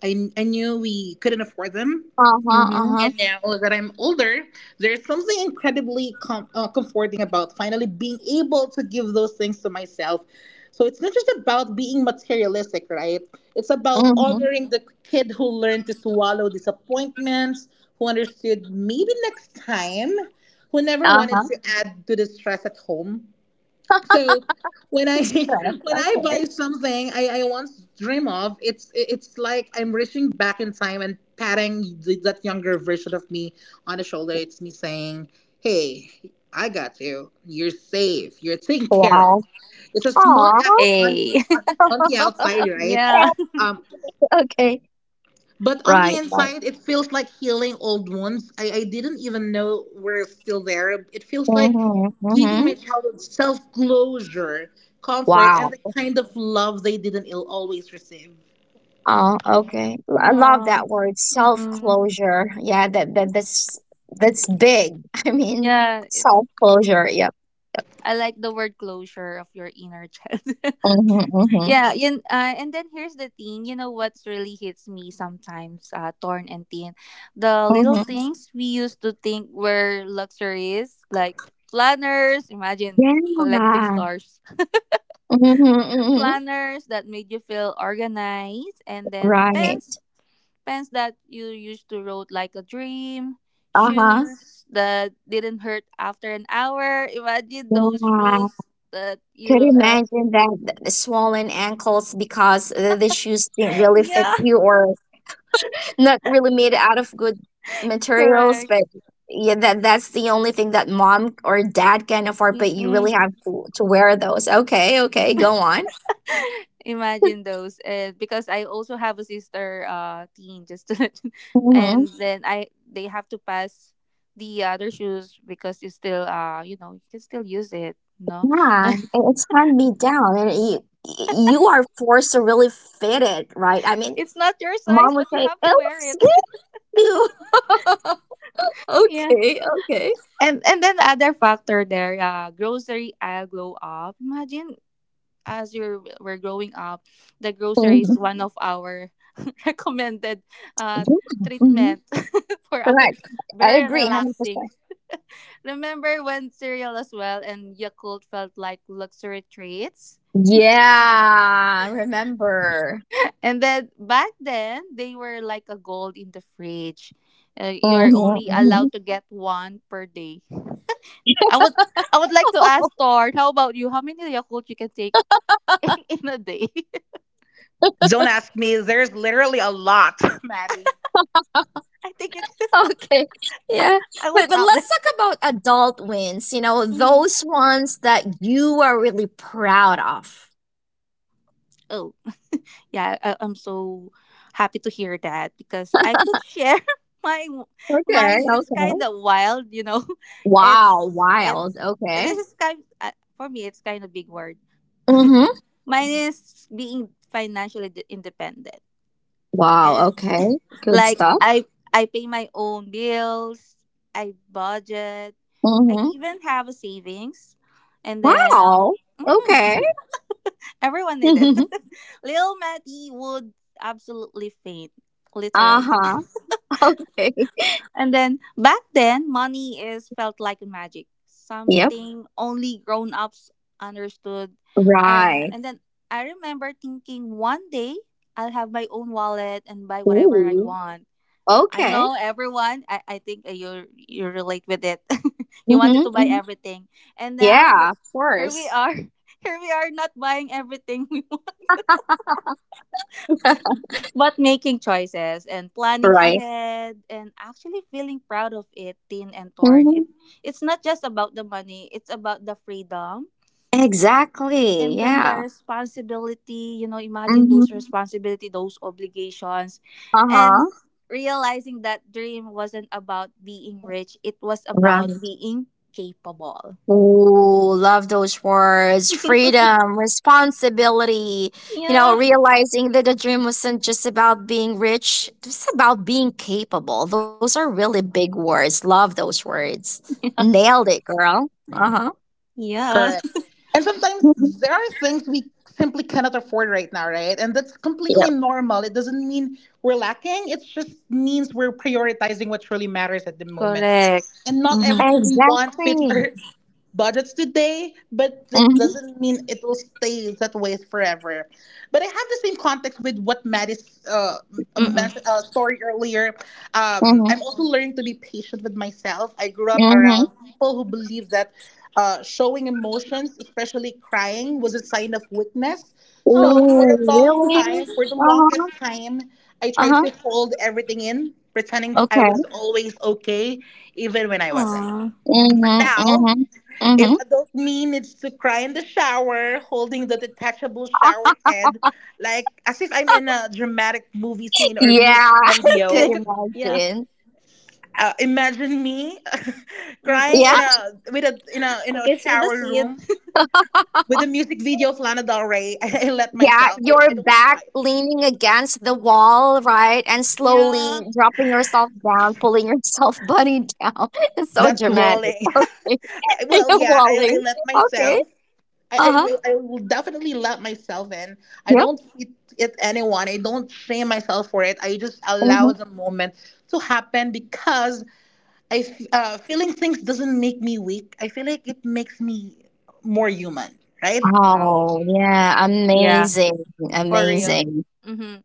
[SPEAKER 3] I knew we couldn't afford them.
[SPEAKER 1] Uh huh. Uh huh.
[SPEAKER 3] And now that I'm older, there's something incredibly comforting about finally being able to give those things to myself. So it's not just about being materialistic, right? It's about
[SPEAKER 1] Mm-hmm.
[SPEAKER 3] honoring the kid who learned to swallow disappointments, who understood maybe next time, who never
[SPEAKER 1] Uh
[SPEAKER 3] wanted
[SPEAKER 1] huh.
[SPEAKER 3] to add to the stress at home. So when I
[SPEAKER 1] [laughs] Stress.
[SPEAKER 3] [laughs] when I
[SPEAKER 1] Okay.
[SPEAKER 3] buy something I once dream of, it's like I'm reaching back in time and patting that younger version of me on the shoulder. It's me saying, hey, I got you, you're safe, you're taken care of.
[SPEAKER 1] Wow.
[SPEAKER 3] It's a small
[SPEAKER 1] Aw.
[SPEAKER 3] act on
[SPEAKER 2] A.
[SPEAKER 3] on,
[SPEAKER 2] [laughs]
[SPEAKER 1] [laughs]
[SPEAKER 3] on the outside, right?
[SPEAKER 2] Yeah.
[SPEAKER 3] Um.
[SPEAKER 1] Okay.
[SPEAKER 3] But on the
[SPEAKER 1] Right. Right.
[SPEAKER 3] inside, it feels like healing old wounds. I didn't even know we're still there. It feels like
[SPEAKER 1] Mm-hmm.
[SPEAKER 3] giving
[SPEAKER 1] Mm-hmm.
[SPEAKER 3] my childhood self closure, comfort, and
[SPEAKER 1] Wow.
[SPEAKER 3] the kind of love they didn't always receive.
[SPEAKER 1] Oh, okay. I love
[SPEAKER 2] Aw.
[SPEAKER 1] that word,
[SPEAKER 2] Mm-mm.
[SPEAKER 1] self-closure. Yeah, that's that's big. [laughs] I mean,
[SPEAKER 2] Yeah. It's,
[SPEAKER 1] self-closure. Yep.
[SPEAKER 2] I like the word closure of your inner child.
[SPEAKER 1] Mhm.
[SPEAKER 2] [laughs]
[SPEAKER 1] Mhm.
[SPEAKER 2] Yeah. Yun, and then here's the thing. You know what's really hits me sometimes, Torn and Thin? The little
[SPEAKER 1] Mhm.
[SPEAKER 2] things we used to think were luxuries, like planners. Imagine collecting
[SPEAKER 1] Yeah.
[SPEAKER 2] stars. [laughs]
[SPEAKER 1] Mhm. Mhm.
[SPEAKER 2] Planners that made you feel organized, and then
[SPEAKER 1] Right.
[SPEAKER 2] Pens that you used to rode like a dream,
[SPEAKER 1] Uh-huh.
[SPEAKER 2] shoes that didn't hurt after an hour. Imagine those
[SPEAKER 1] Yeah.
[SPEAKER 2] shoes that you
[SPEAKER 1] Could imagine that the swollen ankles because the shoes didn't
[SPEAKER 2] [laughs]
[SPEAKER 1] really fit
[SPEAKER 2] yeah,
[SPEAKER 1] you or not really made out of good materials,
[SPEAKER 2] correct.
[SPEAKER 1] but yeah, that that's the only thing that mom or dad can afford. But you
[SPEAKER 2] Mm-mm.
[SPEAKER 1] really have to wear those. Okay, okay, go on.
[SPEAKER 2] [laughs] Imagine those. And because I also have a sister, Teen, just to let [laughs]
[SPEAKER 1] Mm-hmm.
[SPEAKER 2] and then I they have to pass the other shoes because you still you can still use it, no?
[SPEAKER 1] Yeah, it-
[SPEAKER 2] [laughs]
[SPEAKER 1] it's hand me down, and you are forced to really fit it, right? I mean,
[SPEAKER 2] It's not your size
[SPEAKER 1] mom would
[SPEAKER 2] but you
[SPEAKER 1] say,
[SPEAKER 2] have to
[SPEAKER 1] "It
[SPEAKER 2] wear
[SPEAKER 1] looks
[SPEAKER 2] it.
[SPEAKER 1] good." [laughs]
[SPEAKER 2] [laughs] Yeah.
[SPEAKER 1] Okay, okay.
[SPEAKER 2] And then the other factor there, grocery aisle glow up. Imagine as you're we're growing up, the grocery is
[SPEAKER 1] Mhm.
[SPEAKER 2] one of our [laughs] recommended uh
[SPEAKER 1] Yeah.
[SPEAKER 2] treatment [laughs] for our
[SPEAKER 1] Correct. I
[SPEAKER 2] very
[SPEAKER 1] agree, hundred
[SPEAKER 2] relaxing.
[SPEAKER 1] percent.
[SPEAKER 2] Remember when cereal as well and Yakult felt like luxury treats?
[SPEAKER 1] Yeah, remember.
[SPEAKER 2] And then back then they were like a gold in the fridge. You're
[SPEAKER 1] hmm
[SPEAKER 2] only
[SPEAKER 1] hmm
[SPEAKER 2] allowed to get one per day. I would I would like to
[SPEAKER 1] [laughs]
[SPEAKER 2] ask Thor, how about you? How many Yakult you can take [laughs] in a day? [laughs]
[SPEAKER 3] Don't ask me. There's literally a lot, [laughs] Maddie.
[SPEAKER 2] I think you
[SPEAKER 1] [laughs]
[SPEAKER 2] can.
[SPEAKER 1] Okay. Yeah.
[SPEAKER 2] [laughs] I will
[SPEAKER 1] But
[SPEAKER 2] stop there.
[SPEAKER 1] let's talk about adult wins, you know,
[SPEAKER 2] Hmm.
[SPEAKER 1] those ones that you are really proud of.
[SPEAKER 2] Oh yeah, I'm so happy to hear that because I could share [laughs] my mine.
[SPEAKER 1] Okay.
[SPEAKER 2] It's kind
[SPEAKER 1] Okay.
[SPEAKER 2] of wild, you know. [laughs]
[SPEAKER 1] Wow. Wild.
[SPEAKER 2] It's this
[SPEAKER 1] Okay.
[SPEAKER 2] is kind, for me. It's kind of big word.
[SPEAKER 1] Mm-hmm.
[SPEAKER 2] Mine is being financially independent.
[SPEAKER 1] Wow.
[SPEAKER 2] Eh,
[SPEAKER 1] Okay. Good
[SPEAKER 2] Like
[SPEAKER 1] stuff.
[SPEAKER 2] I pay my own bills. I budget. I
[SPEAKER 1] Mm-hmm.
[SPEAKER 2] even have a savings, and then.
[SPEAKER 1] Wow.
[SPEAKER 2] Mhm.
[SPEAKER 1] Okay.
[SPEAKER 2] [laughs] Everyone did it.
[SPEAKER 1] [laughs]
[SPEAKER 2] [laughs] Little Matty would absolutely faint, literally.
[SPEAKER 1] Uh-huh. Okay.
[SPEAKER 2] And then back then, money is felt like magic,
[SPEAKER 1] Yep.
[SPEAKER 2] something only grown ups understood. I,
[SPEAKER 1] Right.
[SPEAKER 2] and then I remember thinking one day I'll have my own wallet and buy whatever I
[SPEAKER 1] Ooh.
[SPEAKER 2] want. I
[SPEAKER 1] Okay.
[SPEAKER 2] know everyone. I think you relate with it. [laughs] You wanted
[SPEAKER 1] Mm-hmm.
[SPEAKER 2] to buy everything, and now
[SPEAKER 1] Yeah. Of
[SPEAKER 2] here we
[SPEAKER 1] course.
[SPEAKER 2] are. [laughs] Here we are, not buying everything we want,
[SPEAKER 1] [laughs]
[SPEAKER 2] [laughs] but making choices and planning
[SPEAKER 1] Right.
[SPEAKER 2] ahead, and actually feeling proud of it. Tin and Torn.
[SPEAKER 1] Mm-hmm.
[SPEAKER 2] It's not just about the money. It's about the freedom,
[SPEAKER 1] Exactly.
[SPEAKER 2] and then the
[SPEAKER 1] Yeah.
[SPEAKER 2] responsibility. You know, imagine
[SPEAKER 1] Mm-hmm.
[SPEAKER 2] those. Mhm. Responsibility, those obligations, and
[SPEAKER 1] Uh-huh.
[SPEAKER 2] realizing that dream wasn't about being rich, it was about
[SPEAKER 1] Right.
[SPEAKER 2] being capable.
[SPEAKER 1] Ooh, love those words.
[SPEAKER 2] [laughs]
[SPEAKER 1] Freedom, responsibility, you know,
[SPEAKER 2] Yeah.
[SPEAKER 1] realizing that the dream wasn't just about being rich, it's about being capable. Those are really big words. Love those words. Nailed it, girl. Uh-huh.
[SPEAKER 2] Yes.
[SPEAKER 3] Correct. And sometimes
[SPEAKER 1] Mhm.
[SPEAKER 3] there are things we simply cannot afford right now, right? And that's completely
[SPEAKER 1] Yep.
[SPEAKER 3] normal. It doesn't mean we're lacking, it just means we're prioritizing what truly matters at the moment.
[SPEAKER 2] Correct.
[SPEAKER 3] And not
[SPEAKER 2] Mm-hmm.
[SPEAKER 3] everything we want fits
[SPEAKER 1] Exactly.
[SPEAKER 3] our budgets today, but that
[SPEAKER 1] Mm-hmm.
[SPEAKER 3] doesn't mean it will stay that way forever, but I have the same context with what Matt is m- men-
[SPEAKER 2] Mm-mm.
[SPEAKER 3] story earlier.
[SPEAKER 1] Mm-hmm.
[SPEAKER 3] I'm also learning to be patient with myself. I grew up
[SPEAKER 1] Mm-hmm.
[SPEAKER 3] around people who believe that showing emotions, especially crying, was a sign of weakness. So
[SPEAKER 1] Ooh,
[SPEAKER 2] Aww.
[SPEAKER 1] really?
[SPEAKER 3] for the longest
[SPEAKER 1] Uh-huh.
[SPEAKER 3] time, I tried
[SPEAKER 1] Uh-huh.
[SPEAKER 3] to hold everything in, pretending I was
[SPEAKER 1] Okay.
[SPEAKER 3] always okay, even when I wasn't.
[SPEAKER 2] Aww.
[SPEAKER 3] But
[SPEAKER 1] Mm-hmm.
[SPEAKER 3] now,
[SPEAKER 1] Mm-hmm. Mm-hmm.
[SPEAKER 3] if adult mean it's to cry in the shower, holding the detachable shower head, like as if I'm in a dramatic movie
[SPEAKER 1] [laughs]
[SPEAKER 3] scene or
[SPEAKER 1] Yeah,
[SPEAKER 3] music
[SPEAKER 1] [laughs] I could
[SPEAKER 2] [laughs]
[SPEAKER 3] video.
[SPEAKER 2] Yeah.
[SPEAKER 1] imagine.
[SPEAKER 3] Imagine me [laughs] crying
[SPEAKER 1] Yeah,
[SPEAKER 3] in
[SPEAKER 2] Mm-mm.
[SPEAKER 3] a with a in a in
[SPEAKER 2] I
[SPEAKER 3] a
[SPEAKER 2] can see the
[SPEAKER 3] shower
[SPEAKER 2] seed.
[SPEAKER 3] room with a music video of Lana Del Rey. [laughs] Let
[SPEAKER 1] yeah,
[SPEAKER 3] myself. I
[SPEAKER 1] your
[SPEAKER 3] don't
[SPEAKER 1] back
[SPEAKER 3] fight.
[SPEAKER 1] leaning against the wall, right? And slowly
[SPEAKER 2] Yeah.
[SPEAKER 1] dropping yourself down, pulling yourself [laughs] bunny down. [laughs] It's so
[SPEAKER 3] That's
[SPEAKER 1] dramatic.
[SPEAKER 3] walling.
[SPEAKER 1] Okay.
[SPEAKER 3] [laughs]
[SPEAKER 1] [laughs]
[SPEAKER 3] Well, yeah, I
[SPEAKER 1] Walling.
[SPEAKER 3] let
[SPEAKER 1] Okay.
[SPEAKER 3] myself. I, I
[SPEAKER 1] Uh-huh.
[SPEAKER 3] will I will definitely let myself in. I
[SPEAKER 1] Yep.
[SPEAKER 3] don't fit it anyone. I don't shame myself for it. I just allow
[SPEAKER 1] hmm
[SPEAKER 3] the moment to happen because feeling things doesn't make me weak. I feel like it makes me more human, right?
[SPEAKER 2] Wow,
[SPEAKER 1] Oh, yeah.
[SPEAKER 2] yeah,
[SPEAKER 1] Amazing.
[SPEAKER 2] for real.
[SPEAKER 1] Amazing.
[SPEAKER 2] Mm-hmm.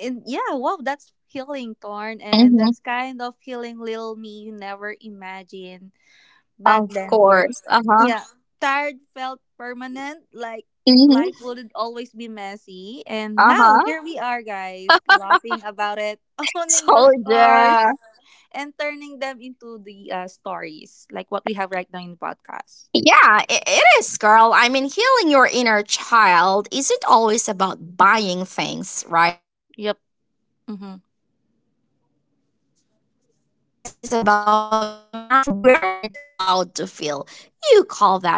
[SPEAKER 2] And yeah, wow, that's healing, Torn, and
[SPEAKER 1] hmm
[SPEAKER 2] that's kind of healing little me you never imagined back
[SPEAKER 1] Of
[SPEAKER 2] then, Torn.
[SPEAKER 1] course. Uh-huh.
[SPEAKER 2] Yeah, tired felt permanent, like life
[SPEAKER 1] hmm
[SPEAKER 2] would always be messy, and now
[SPEAKER 1] Uh-huh.
[SPEAKER 2] here we are, guys, laughing about it, [laughs]
[SPEAKER 1] [laughs]
[SPEAKER 2] owning the scars,
[SPEAKER 1] Soldier.
[SPEAKER 2] and turning them into the stories, like what we have right now in the podcast.
[SPEAKER 1] Yeah, it is, girl. I mean, healing your inner child isn't always about buying things, right? You
[SPEAKER 2] Yep.
[SPEAKER 1] know, sometimes it's
[SPEAKER 2] Mm-hmm.
[SPEAKER 1] about allowing yourself to feel, you know, what you weren't allowed to feel. You call that healing.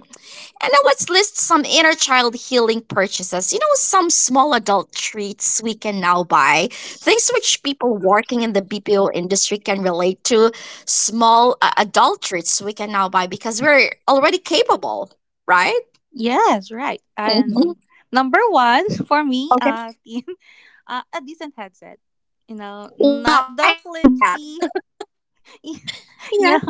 [SPEAKER 1] And now let's list some inner child healing purchases. You know, some small adult treats we can now buy. Things which people working in the BPO industry can relate to. Small adult treats we can now buy because we're already capable, right?
[SPEAKER 2] Yes, right.
[SPEAKER 1] hmm
[SPEAKER 2] And number one [laughs] for me,
[SPEAKER 1] Okay.
[SPEAKER 2] [laughs] a decent headset. You know,
[SPEAKER 1] Wow,
[SPEAKER 2] not
[SPEAKER 1] I
[SPEAKER 2] the
[SPEAKER 1] need that.
[SPEAKER 2] flimsy,
[SPEAKER 1] Yeah.
[SPEAKER 2] [laughs] yeah,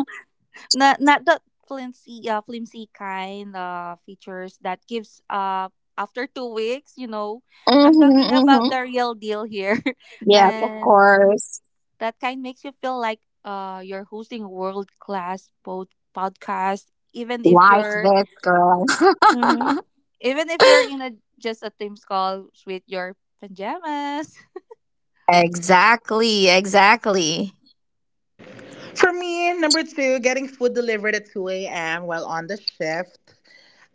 [SPEAKER 2] not the flimsy, flimsy kind of features that gives up after 2 weeks. You know, I'm
[SPEAKER 1] hmm
[SPEAKER 2] talking
[SPEAKER 1] hmm
[SPEAKER 2] about the real deal here, [laughs]
[SPEAKER 1] Yes, of
[SPEAKER 2] and
[SPEAKER 1] course.
[SPEAKER 2] that kind makes you feel like you're hosting world class podcast, even if
[SPEAKER 1] Like
[SPEAKER 2] you're.
[SPEAKER 1] this girl.
[SPEAKER 2] Mhm
[SPEAKER 1] [laughs]
[SPEAKER 2] even if you're in a just a Teams call with your pajamas. [laughs]
[SPEAKER 1] Exactly, exactly.
[SPEAKER 3] For me, number two, getting food delivered at two a.m. while on the shift.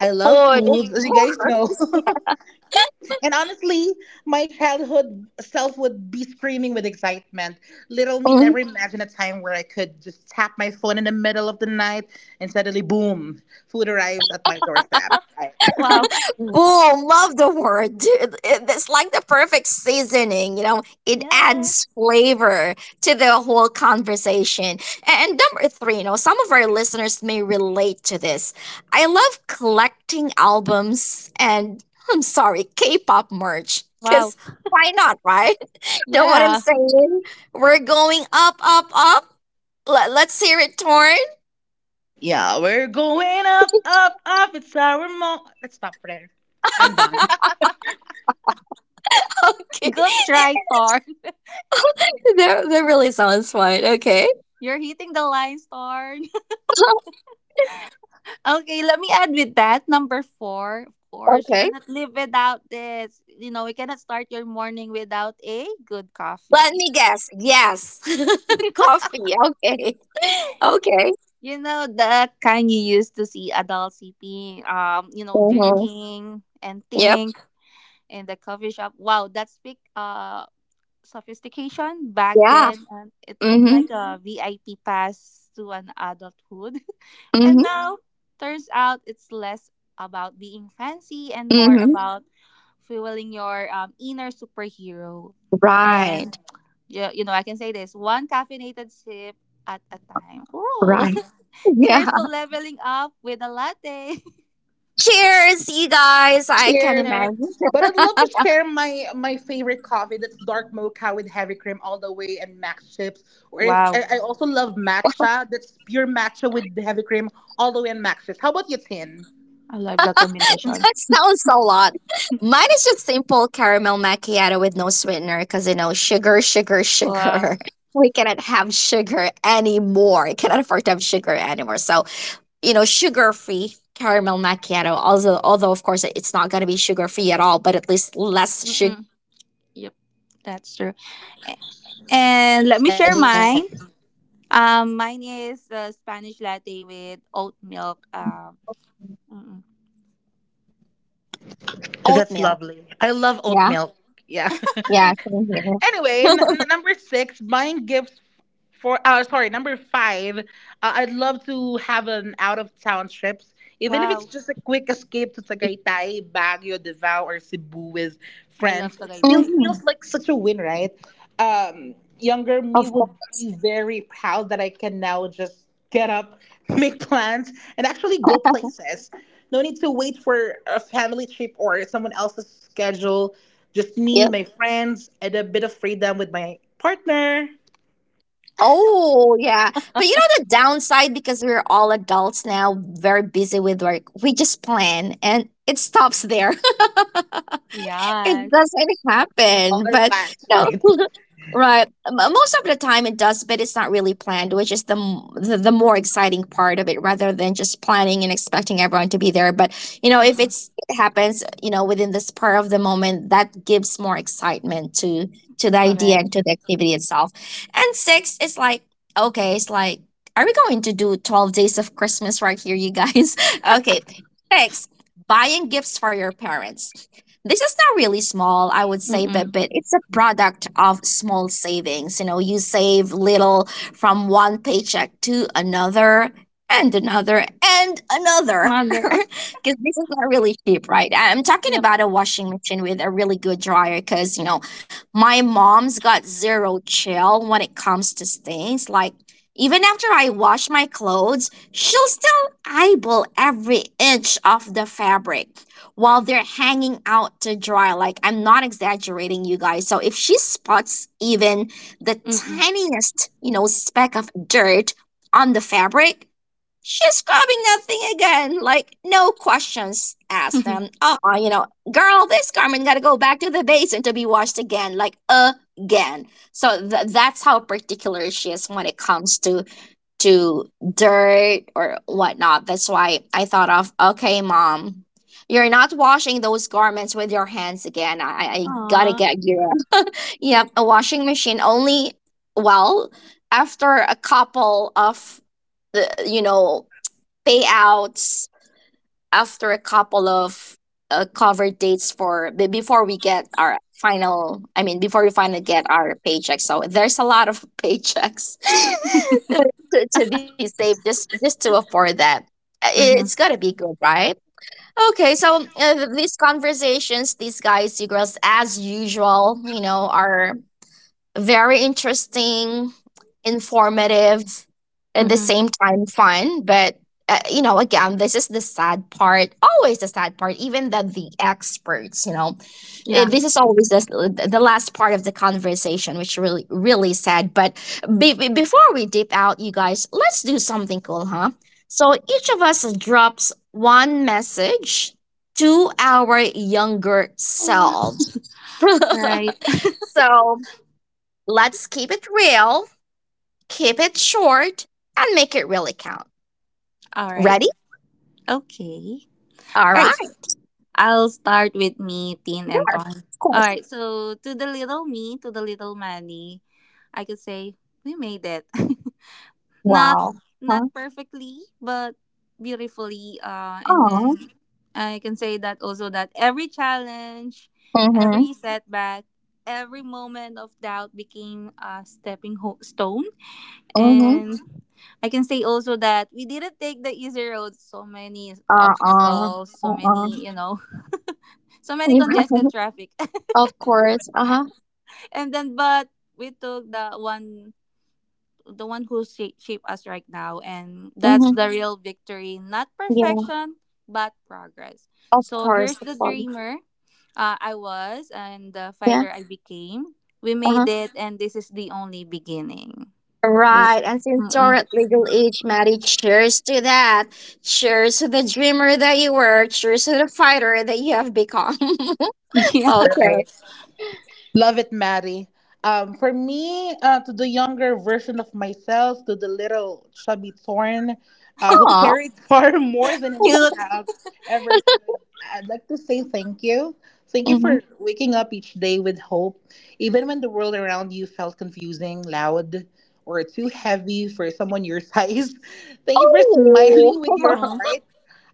[SPEAKER 3] I love
[SPEAKER 1] Food, of
[SPEAKER 3] food, as you guys know.
[SPEAKER 1] course.
[SPEAKER 3] [laughs]
[SPEAKER 1] [laughs]
[SPEAKER 3] And honestly, my childhood self would be screaming with excitement. Little me
[SPEAKER 1] Mhm.
[SPEAKER 3] never imagined a time where I could just tap my phone in the middle of the night and suddenly, boom, food arrives at my doorstep.
[SPEAKER 2] Wow.
[SPEAKER 1] Boom! Love the word. Dude. It's like the perfect seasoning. You know, it adds
[SPEAKER 2] Yes.
[SPEAKER 1] flavor to the whole conversation. And number three, you know, some of our listeners may relate to this. I love collecting albums and I'm sorry, K-pop merch.
[SPEAKER 2] Wow.
[SPEAKER 1] Cause why not, right? [laughs] Know what I'm
[SPEAKER 2] Yeah,
[SPEAKER 1] saying? We're going up, up, up. Let's hear it torn.
[SPEAKER 3] Yeah, we're going up, up, up. It's our moment. Let's stop there. I'm done.
[SPEAKER 1] [laughs]
[SPEAKER 2] [laughs]
[SPEAKER 1] Okay,
[SPEAKER 2] good try, Thorn.
[SPEAKER 1] [laughs] that that really sounds fun. Okay.
[SPEAKER 2] [laughs] You're hitting the lines, Thorn. [laughs] Okay, let me add with that. Number four, of
[SPEAKER 1] [laughs]
[SPEAKER 2] course, you
[SPEAKER 1] Okay.
[SPEAKER 2] cannot live without this. You know, you cannot start your morning without a good
[SPEAKER 1] Let
[SPEAKER 2] coffee.
[SPEAKER 1] me guess. Yes. [laughs] Coffee. Okay. [laughs] Okay.
[SPEAKER 2] You know, the kind you used to see adults sipping,
[SPEAKER 1] Mm-hmm.
[SPEAKER 2] drinking and
[SPEAKER 1] Yep.
[SPEAKER 2] think in the coffee shop. Wow, that's big, sophistication back
[SPEAKER 1] Yeah.
[SPEAKER 2] then and it looked
[SPEAKER 1] Mm-hmm.
[SPEAKER 2] like a VIP pass to an adulthood. [laughs] And
[SPEAKER 1] Mm-hmm.
[SPEAKER 2] now, turns out it's less about being fancy and more
[SPEAKER 1] Mm-hmm.
[SPEAKER 2] about fueling your, inner superhero. And,
[SPEAKER 1] Right.
[SPEAKER 2] I can say this one caffeinated sip at a time. Ooh.
[SPEAKER 1] Right.
[SPEAKER 2] [laughs]
[SPEAKER 1] Yeah.
[SPEAKER 2] Cheers to leveling up with a latte.
[SPEAKER 1] Cheers, you guys. I
[SPEAKER 2] [laughs]
[SPEAKER 1] can
[SPEAKER 3] Cheers.
[SPEAKER 2] Either.
[SPEAKER 1] imagine. [laughs]
[SPEAKER 3] But I'd love to share my favorite coffee, that's dark mocha with heavy cream all the way and max chips. Or if
[SPEAKER 2] Wow.
[SPEAKER 3] I also love matcha, that's pure matcha with the heavy cream all the way and max chips. How about you, Tin?
[SPEAKER 2] I love the combination.
[SPEAKER 1] That sounds a lot. Mine is just simple caramel macchiato with no sweetener because, you know, sugar, sugar,
[SPEAKER 2] Wow.
[SPEAKER 1] sugar. [laughs] We cannot have sugar anymore. Cannot afford to have sugar anymore. So you know, sugar free caramel macchiato. Also, although of course it's not gonna be sugar free at all, but at least less
[SPEAKER 2] Mm-mm.
[SPEAKER 1] sugar
[SPEAKER 2] Yep.
[SPEAKER 1] than the
[SPEAKER 2] That's
[SPEAKER 1] normal
[SPEAKER 2] true.
[SPEAKER 1] ingredient.
[SPEAKER 2] And let me
[SPEAKER 1] Right.
[SPEAKER 2] share mine. Mine is Spanish latte with oat milk. Mm-mm.
[SPEAKER 3] That's
[SPEAKER 1] Oatmeal.
[SPEAKER 3] lovely. I love oat
[SPEAKER 1] Yeah.
[SPEAKER 3] milk. Yeah. [laughs]
[SPEAKER 1] Yeah. Same here.
[SPEAKER 3] Anyway,
[SPEAKER 1] [laughs]
[SPEAKER 3] number six, buying gifts for sorry, number five, I'd love to have an out of town trips, even if it's
[SPEAKER 2] Wow,
[SPEAKER 3] just a quick escape to Tagaytay, Baguio, Davao, or Cebu with
[SPEAKER 2] I love
[SPEAKER 3] friends. It still
[SPEAKER 2] Tagaytay.
[SPEAKER 3] feels
[SPEAKER 1] Mhm.
[SPEAKER 3] like such a win, right? Um, Younger me
[SPEAKER 1] Of
[SPEAKER 3] would
[SPEAKER 1] course.
[SPEAKER 3] be very proud that I can now just get up, [laughs] make plans, and actually go places. No need to wait for a family trip or someone else's schedule, just me,
[SPEAKER 1] Yep.
[SPEAKER 3] my friends, and a bit of freedom with my partner.
[SPEAKER 1] Oh yeah. But you know the downside because we're all adults now, very busy with work. We just plan and it stops there. [laughs] It
[SPEAKER 2] Yes.
[SPEAKER 1] doesn't
[SPEAKER 3] All
[SPEAKER 1] happen.
[SPEAKER 3] our
[SPEAKER 1] But
[SPEAKER 3] plans,
[SPEAKER 1] no,
[SPEAKER 3] right?
[SPEAKER 1] [laughs]
[SPEAKER 3] [laughs]
[SPEAKER 1] right. Most of the time it does, but it's not really planned, which is the, the more exciting part of it, rather than just planning and expecting everyone to be there. But you know, if
[SPEAKER 2] Mm-mm,
[SPEAKER 1] it's it happens, you know, within the spur of the moment, that gives more excitement to the idea and
[SPEAKER 2] correct.
[SPEAKER 1] to the activity itself. And six, it's like okay, it's like. Are we going to do 12 days of Christmas right here, you guys? [laughs] Okay. Six, buying gifts for your parents. This is not really small, I would say, but
[SPEAKER 2] Mm-mm.
[SPEAKER 1] but it's a product of small savings. You know, you save little from one paycheck to another and another and another [laughs] because
[SPEAKER 2] Mother. [laughs]
[SPEAKER 1] this is not really cheap, right? I'm talking
[SPEAKER 2] Yep.
[SPEAKER 1] about a washing machine with a really good dryer, because you know my mom's got zero chill when it comes to stains. Like, even after I wash my clothes she'll still eyeball every inch of the fabric while they're hanging out to dry. Like, I'm not exaggerating, you guys. So, if she spots even the
[SPEAKER 2] Mm-mm.
[SPEAKER 1] tiniest, speck of dirt on the fabric, she's scrubbing that thing again. Like, no questions asked. Them,
[SPEAKER 2] [laughs]
[SPEAKER 1] you know, girl, this garment gotta go back to the basin to be washed again. Like, again. So, that's how particular she is when it comes to dirt or whatnot. That's why I thought of, okay, mom, you're not washing those garments with your hands again. I gotta
[SPEAKER 2] Aw.
[SPEAKER 1] get you. [laughs] Yep, a washing machine only, well, after a couple of the, payouts, after a couple of cover dates for before we get our final, I mean before we finally get our paycheck. So there's a lot of [laughs] paychecks [laughs] to be saved, just to afford that. It's gotta
[SPEAKER 2] Mm-hmm.
[SPEAKER 1] be good, right? Okay, so these conversations, these guys, you girls, as usual, you know, are very interesting, informative, at the
[SPEAKER 2] Mm-hmm.
[SPEAKER 1] same time fun. But you know, again, this is the sad part. Always the sad part. Even that the experts, you know, eh,
[SPEAKER 2] Yeah.
[SPEAKER 1] this is always the last part of the conversation, which really really sad. But before we dip out, you guys, let's do something cool, huh? So each of us drops one message to our younger
[SPEAKER 2] Mm. All
[SPEAKER 1] selves.
[SPEAKER 2] right.
[SPEAKER 1] [laughs] So let's keep it real, keep it short, and make it really count.
[SPEAKER 2] [laughs] All right.
[SPEAKER 1] Ready?
[SPEAKER 2] Okay.
[SPEAKER 1] All
[SPEAKER 2] All right.
[SPEAKER 1] right.
[SPEAKER 2] I'll start with me, Tin, and
[SPEAKER 1] Sure.
[SPEAKER 2] Ton.
[SPEAKER 1] Of
[SPEAKER 2] All
[SPEAKER 1] course.
[SPEAKER 2] right. So to the little me, to the little Manny, I could say we made it. [laughs] Not
[SPEAKER 1] Wow.
[SPEAKER 2] not
[SPEAKER 1] Huh?
[SPEAKER 2] perfectly, but beautifully. And
[SPEAKER 1] Aw.
[SPEAKER 2] then I can say that also that every challenge,
[SPEAKER 1] Mm-hmm.
[SPEAKER 2] every setback, every moment of doubt became a stepping stone.
[SPEAKER 1] Mm-hmm.
[SPEAKER 2] And I can say also that we didn't take the easy road. So many
[SPEAKER 1] Uh-uh.
[SPEAKER 2] obstacles, so
[SPEAKER 1] Uh-uh.
[SPEAKER 2] many, [laughs] so
[SPEAKER 1] [laughs]
[SPEAKER 2] many
[SPEAKER 1] You're
[SPEAKER 2] congested
[SPEAKER 1] right.
[SPEAKER 2] traffic. [laughs]
[SPEAKER 1] Of course. Uh-huh.
[SPEAKER 2] And then, but we took the one who shape us right now, and that's
[SPEAKER 1] Mm-hmm.
[SPEAKER 2] the real victory, not
[SPEAKER 1] Yeah.
[SPEAKER 2] perfection but progress.
[SPEAKER 1] Of
[SPEAKER 2] So
[SPEAKER 1] course.
[SPEAKER 2] here's
[SPEAKER 1] Of
[SPEAKER 2] the
[SPEAKER 1] course.
[SPEAKER 2] dreamer, I was, and the
[SPEAKER 1] Yeah.
[SPEAKER 2] fighter I became. We made
[SPEAKER 1] Uh-huh.
[SPEAKER 2] it and this is the only beginning. Mm,
[SPEAKER 1] Right. And since you're
[SPEAKER 2] mm-mm.
[SPEAKER 1] at legal age, Maddie, cheers to that. Cheers to the dreamer that you were. Cheers to the fighter that you have become. [laughs]
[SPEAKER 2] [laughs] Yeah,
[SPEAKER 1] Okay.
[SPEAKER 3] Right. Love it, Maddie. For me, to the younger version of myself, to the little chubby thorn, who
[SPEAKER 1] Aw.
[SPEAKER 3] carried [laughs] far more than any
[SPEAKER 2] cute.
[SPEAKER 1] [laughs]
[SPEAKER 3] child ever could, I'd like to say thank you. Thank you
[SPEAKER 1] Hmm.
[SPEAKER 3] for waking up each day with hope, even when the world around you felt confusing, loud, or too heavy for someone your size. [laughs] Thank you for
[SPEAKER 1] Oh,
[SPEAKER 3] smiling with your
[SPEAKER 1] [laughs]
[SPEAKER 2] Aw,
[SPEAKER 3] heart.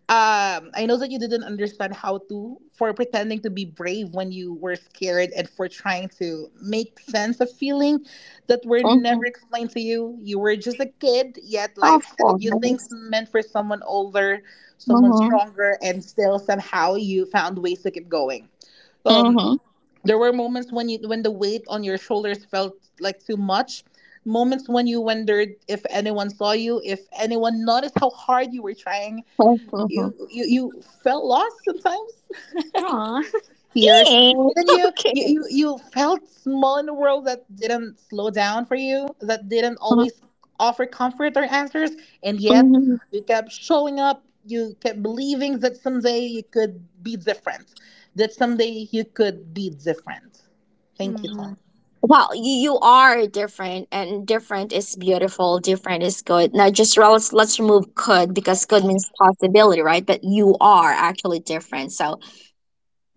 [SPEAKER 3] I know that you didn't understand how to, for pretending to be brave when you were scared and for trying to make sense of feeling that were
[SPEAKER 1] hmm,
[SPEAKER 3] never explained to you. You were just a kid, yet
[SPEAKER 1] of
[SPEAKER 3] life handed
[SPEAKER 1] course.
[SPEAKER 3] you things meant for someone older, someone
[SPEAKER 1] Mm-hmm.
[SPEAKER 3] stronger, and still somehow you found ways to keep going. Um,
[SPEAKER 1] Mm-hmm.
[SPEAKER 3] there were moments when the weight on your shoulders felt like too much. Moments when you wondered if anyone saw you, if anyone noticed how hard you were trying.
[SPEAKER 1] Mm-hmm.
[SPEAKER 3] You you you felt lost sometimes.
[SPEAKER 2] aw.
[SPEAKER 3] [laughs] Tears.
[SPEAKER 1] Hey,
[SPEAKER 3] Didn't
[SPEAKER 1] [laughs]
[SPEAKER 3] you?
[SPEAKER 1] okay.
[SPEAKER 3] You felt small in a world that didn't slow down for you, that didn't always offer comfort or answers, and yet
[SPEAKER 1] Mm-hmm.
[SPEAKER 3] you kept showing up. You kept believing that someday you could be different. That someday you could be different. Thank you,
[SPEAKER 2] Mm-hmm.
[SPEAKER 3] Tom.
[SPEAKER 1] Wow, you are different, and different is beautiful. Different is good. Now, just let's remove could, because could means possibility, right? But you are actually different. So,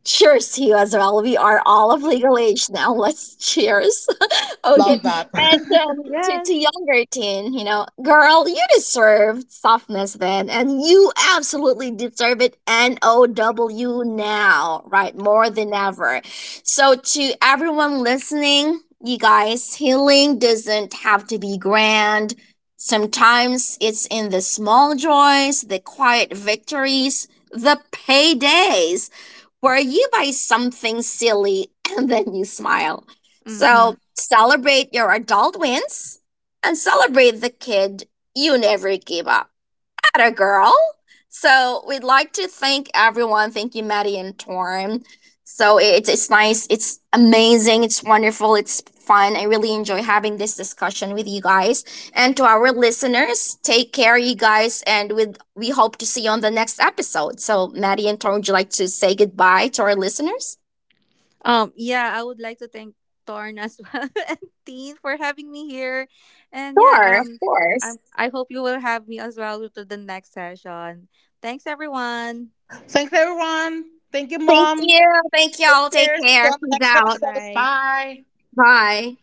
[SPEAKER 1] cheers to you as well. We are all of legal age now. [laughs] Let's cheers. Okay.
[SPEAKER 3] Love
[SPEAKER 2] [laughs]
[SPEAKER 3] that.
[SPEAKER 1] And to
[SPEAKER 2] Yes.
[SPEAKER 1] younger teen, you know, girl, you deserve softness then, and you absolutely deserve it N O W now, right? More than ever. So, to everyone listening, you guys, healing doesn't have to be grand. Sometimes it's in the small joys, the quiet victories, the paydays where you buy something silly and then you smile. So
[SPEAKER 2] Hmm.
[SPEAKER 1] celebrate your adult wins and celebrate the kid you never gave up. At girl. So we'd like to thank everyone. Thank you, Maddie and Torm. So it's nice. It's amazing. It's wonderful. It's fun. I really enjoy having this discussion with you guys. And to our listeners, take care, you guys. And with we hope to see you on the next episode. So Maddie and Torm, would you like to say goodbye to our listeners?
[SPEAKER 2] Yeah, I would like to thank Torn as well [laughs] and Teen for having me here. And yeah,
[SPEAKER 1] Sure, of course.
[SPEAKER 2] I hope you will have me as well to the next session. Thanks, everyone.
[SPEAKER 3] [laughs] Thanks, everyone. Thank you,
[SPEAKER 1] Thank
[SPEAKER 3] Mom.
[SPEAKER 1] you. Thank
[SPEAKER 3] Take
[SPEAKER 1] y'all. Take
[SPEAKER 3] care. See you
[SPEAKER 1] care.
[SPEAKER 3] on the
[SPEAKER 1] Peace
[SPEAKER 3] next
[SPEAKER 2] Bye
[SPEAKER 1] out.
[SPEAKER 3] episode.
[SPEAKER 2] bye.
[SPEAKER 3] Bye.
[SPEAKER 1] Bye.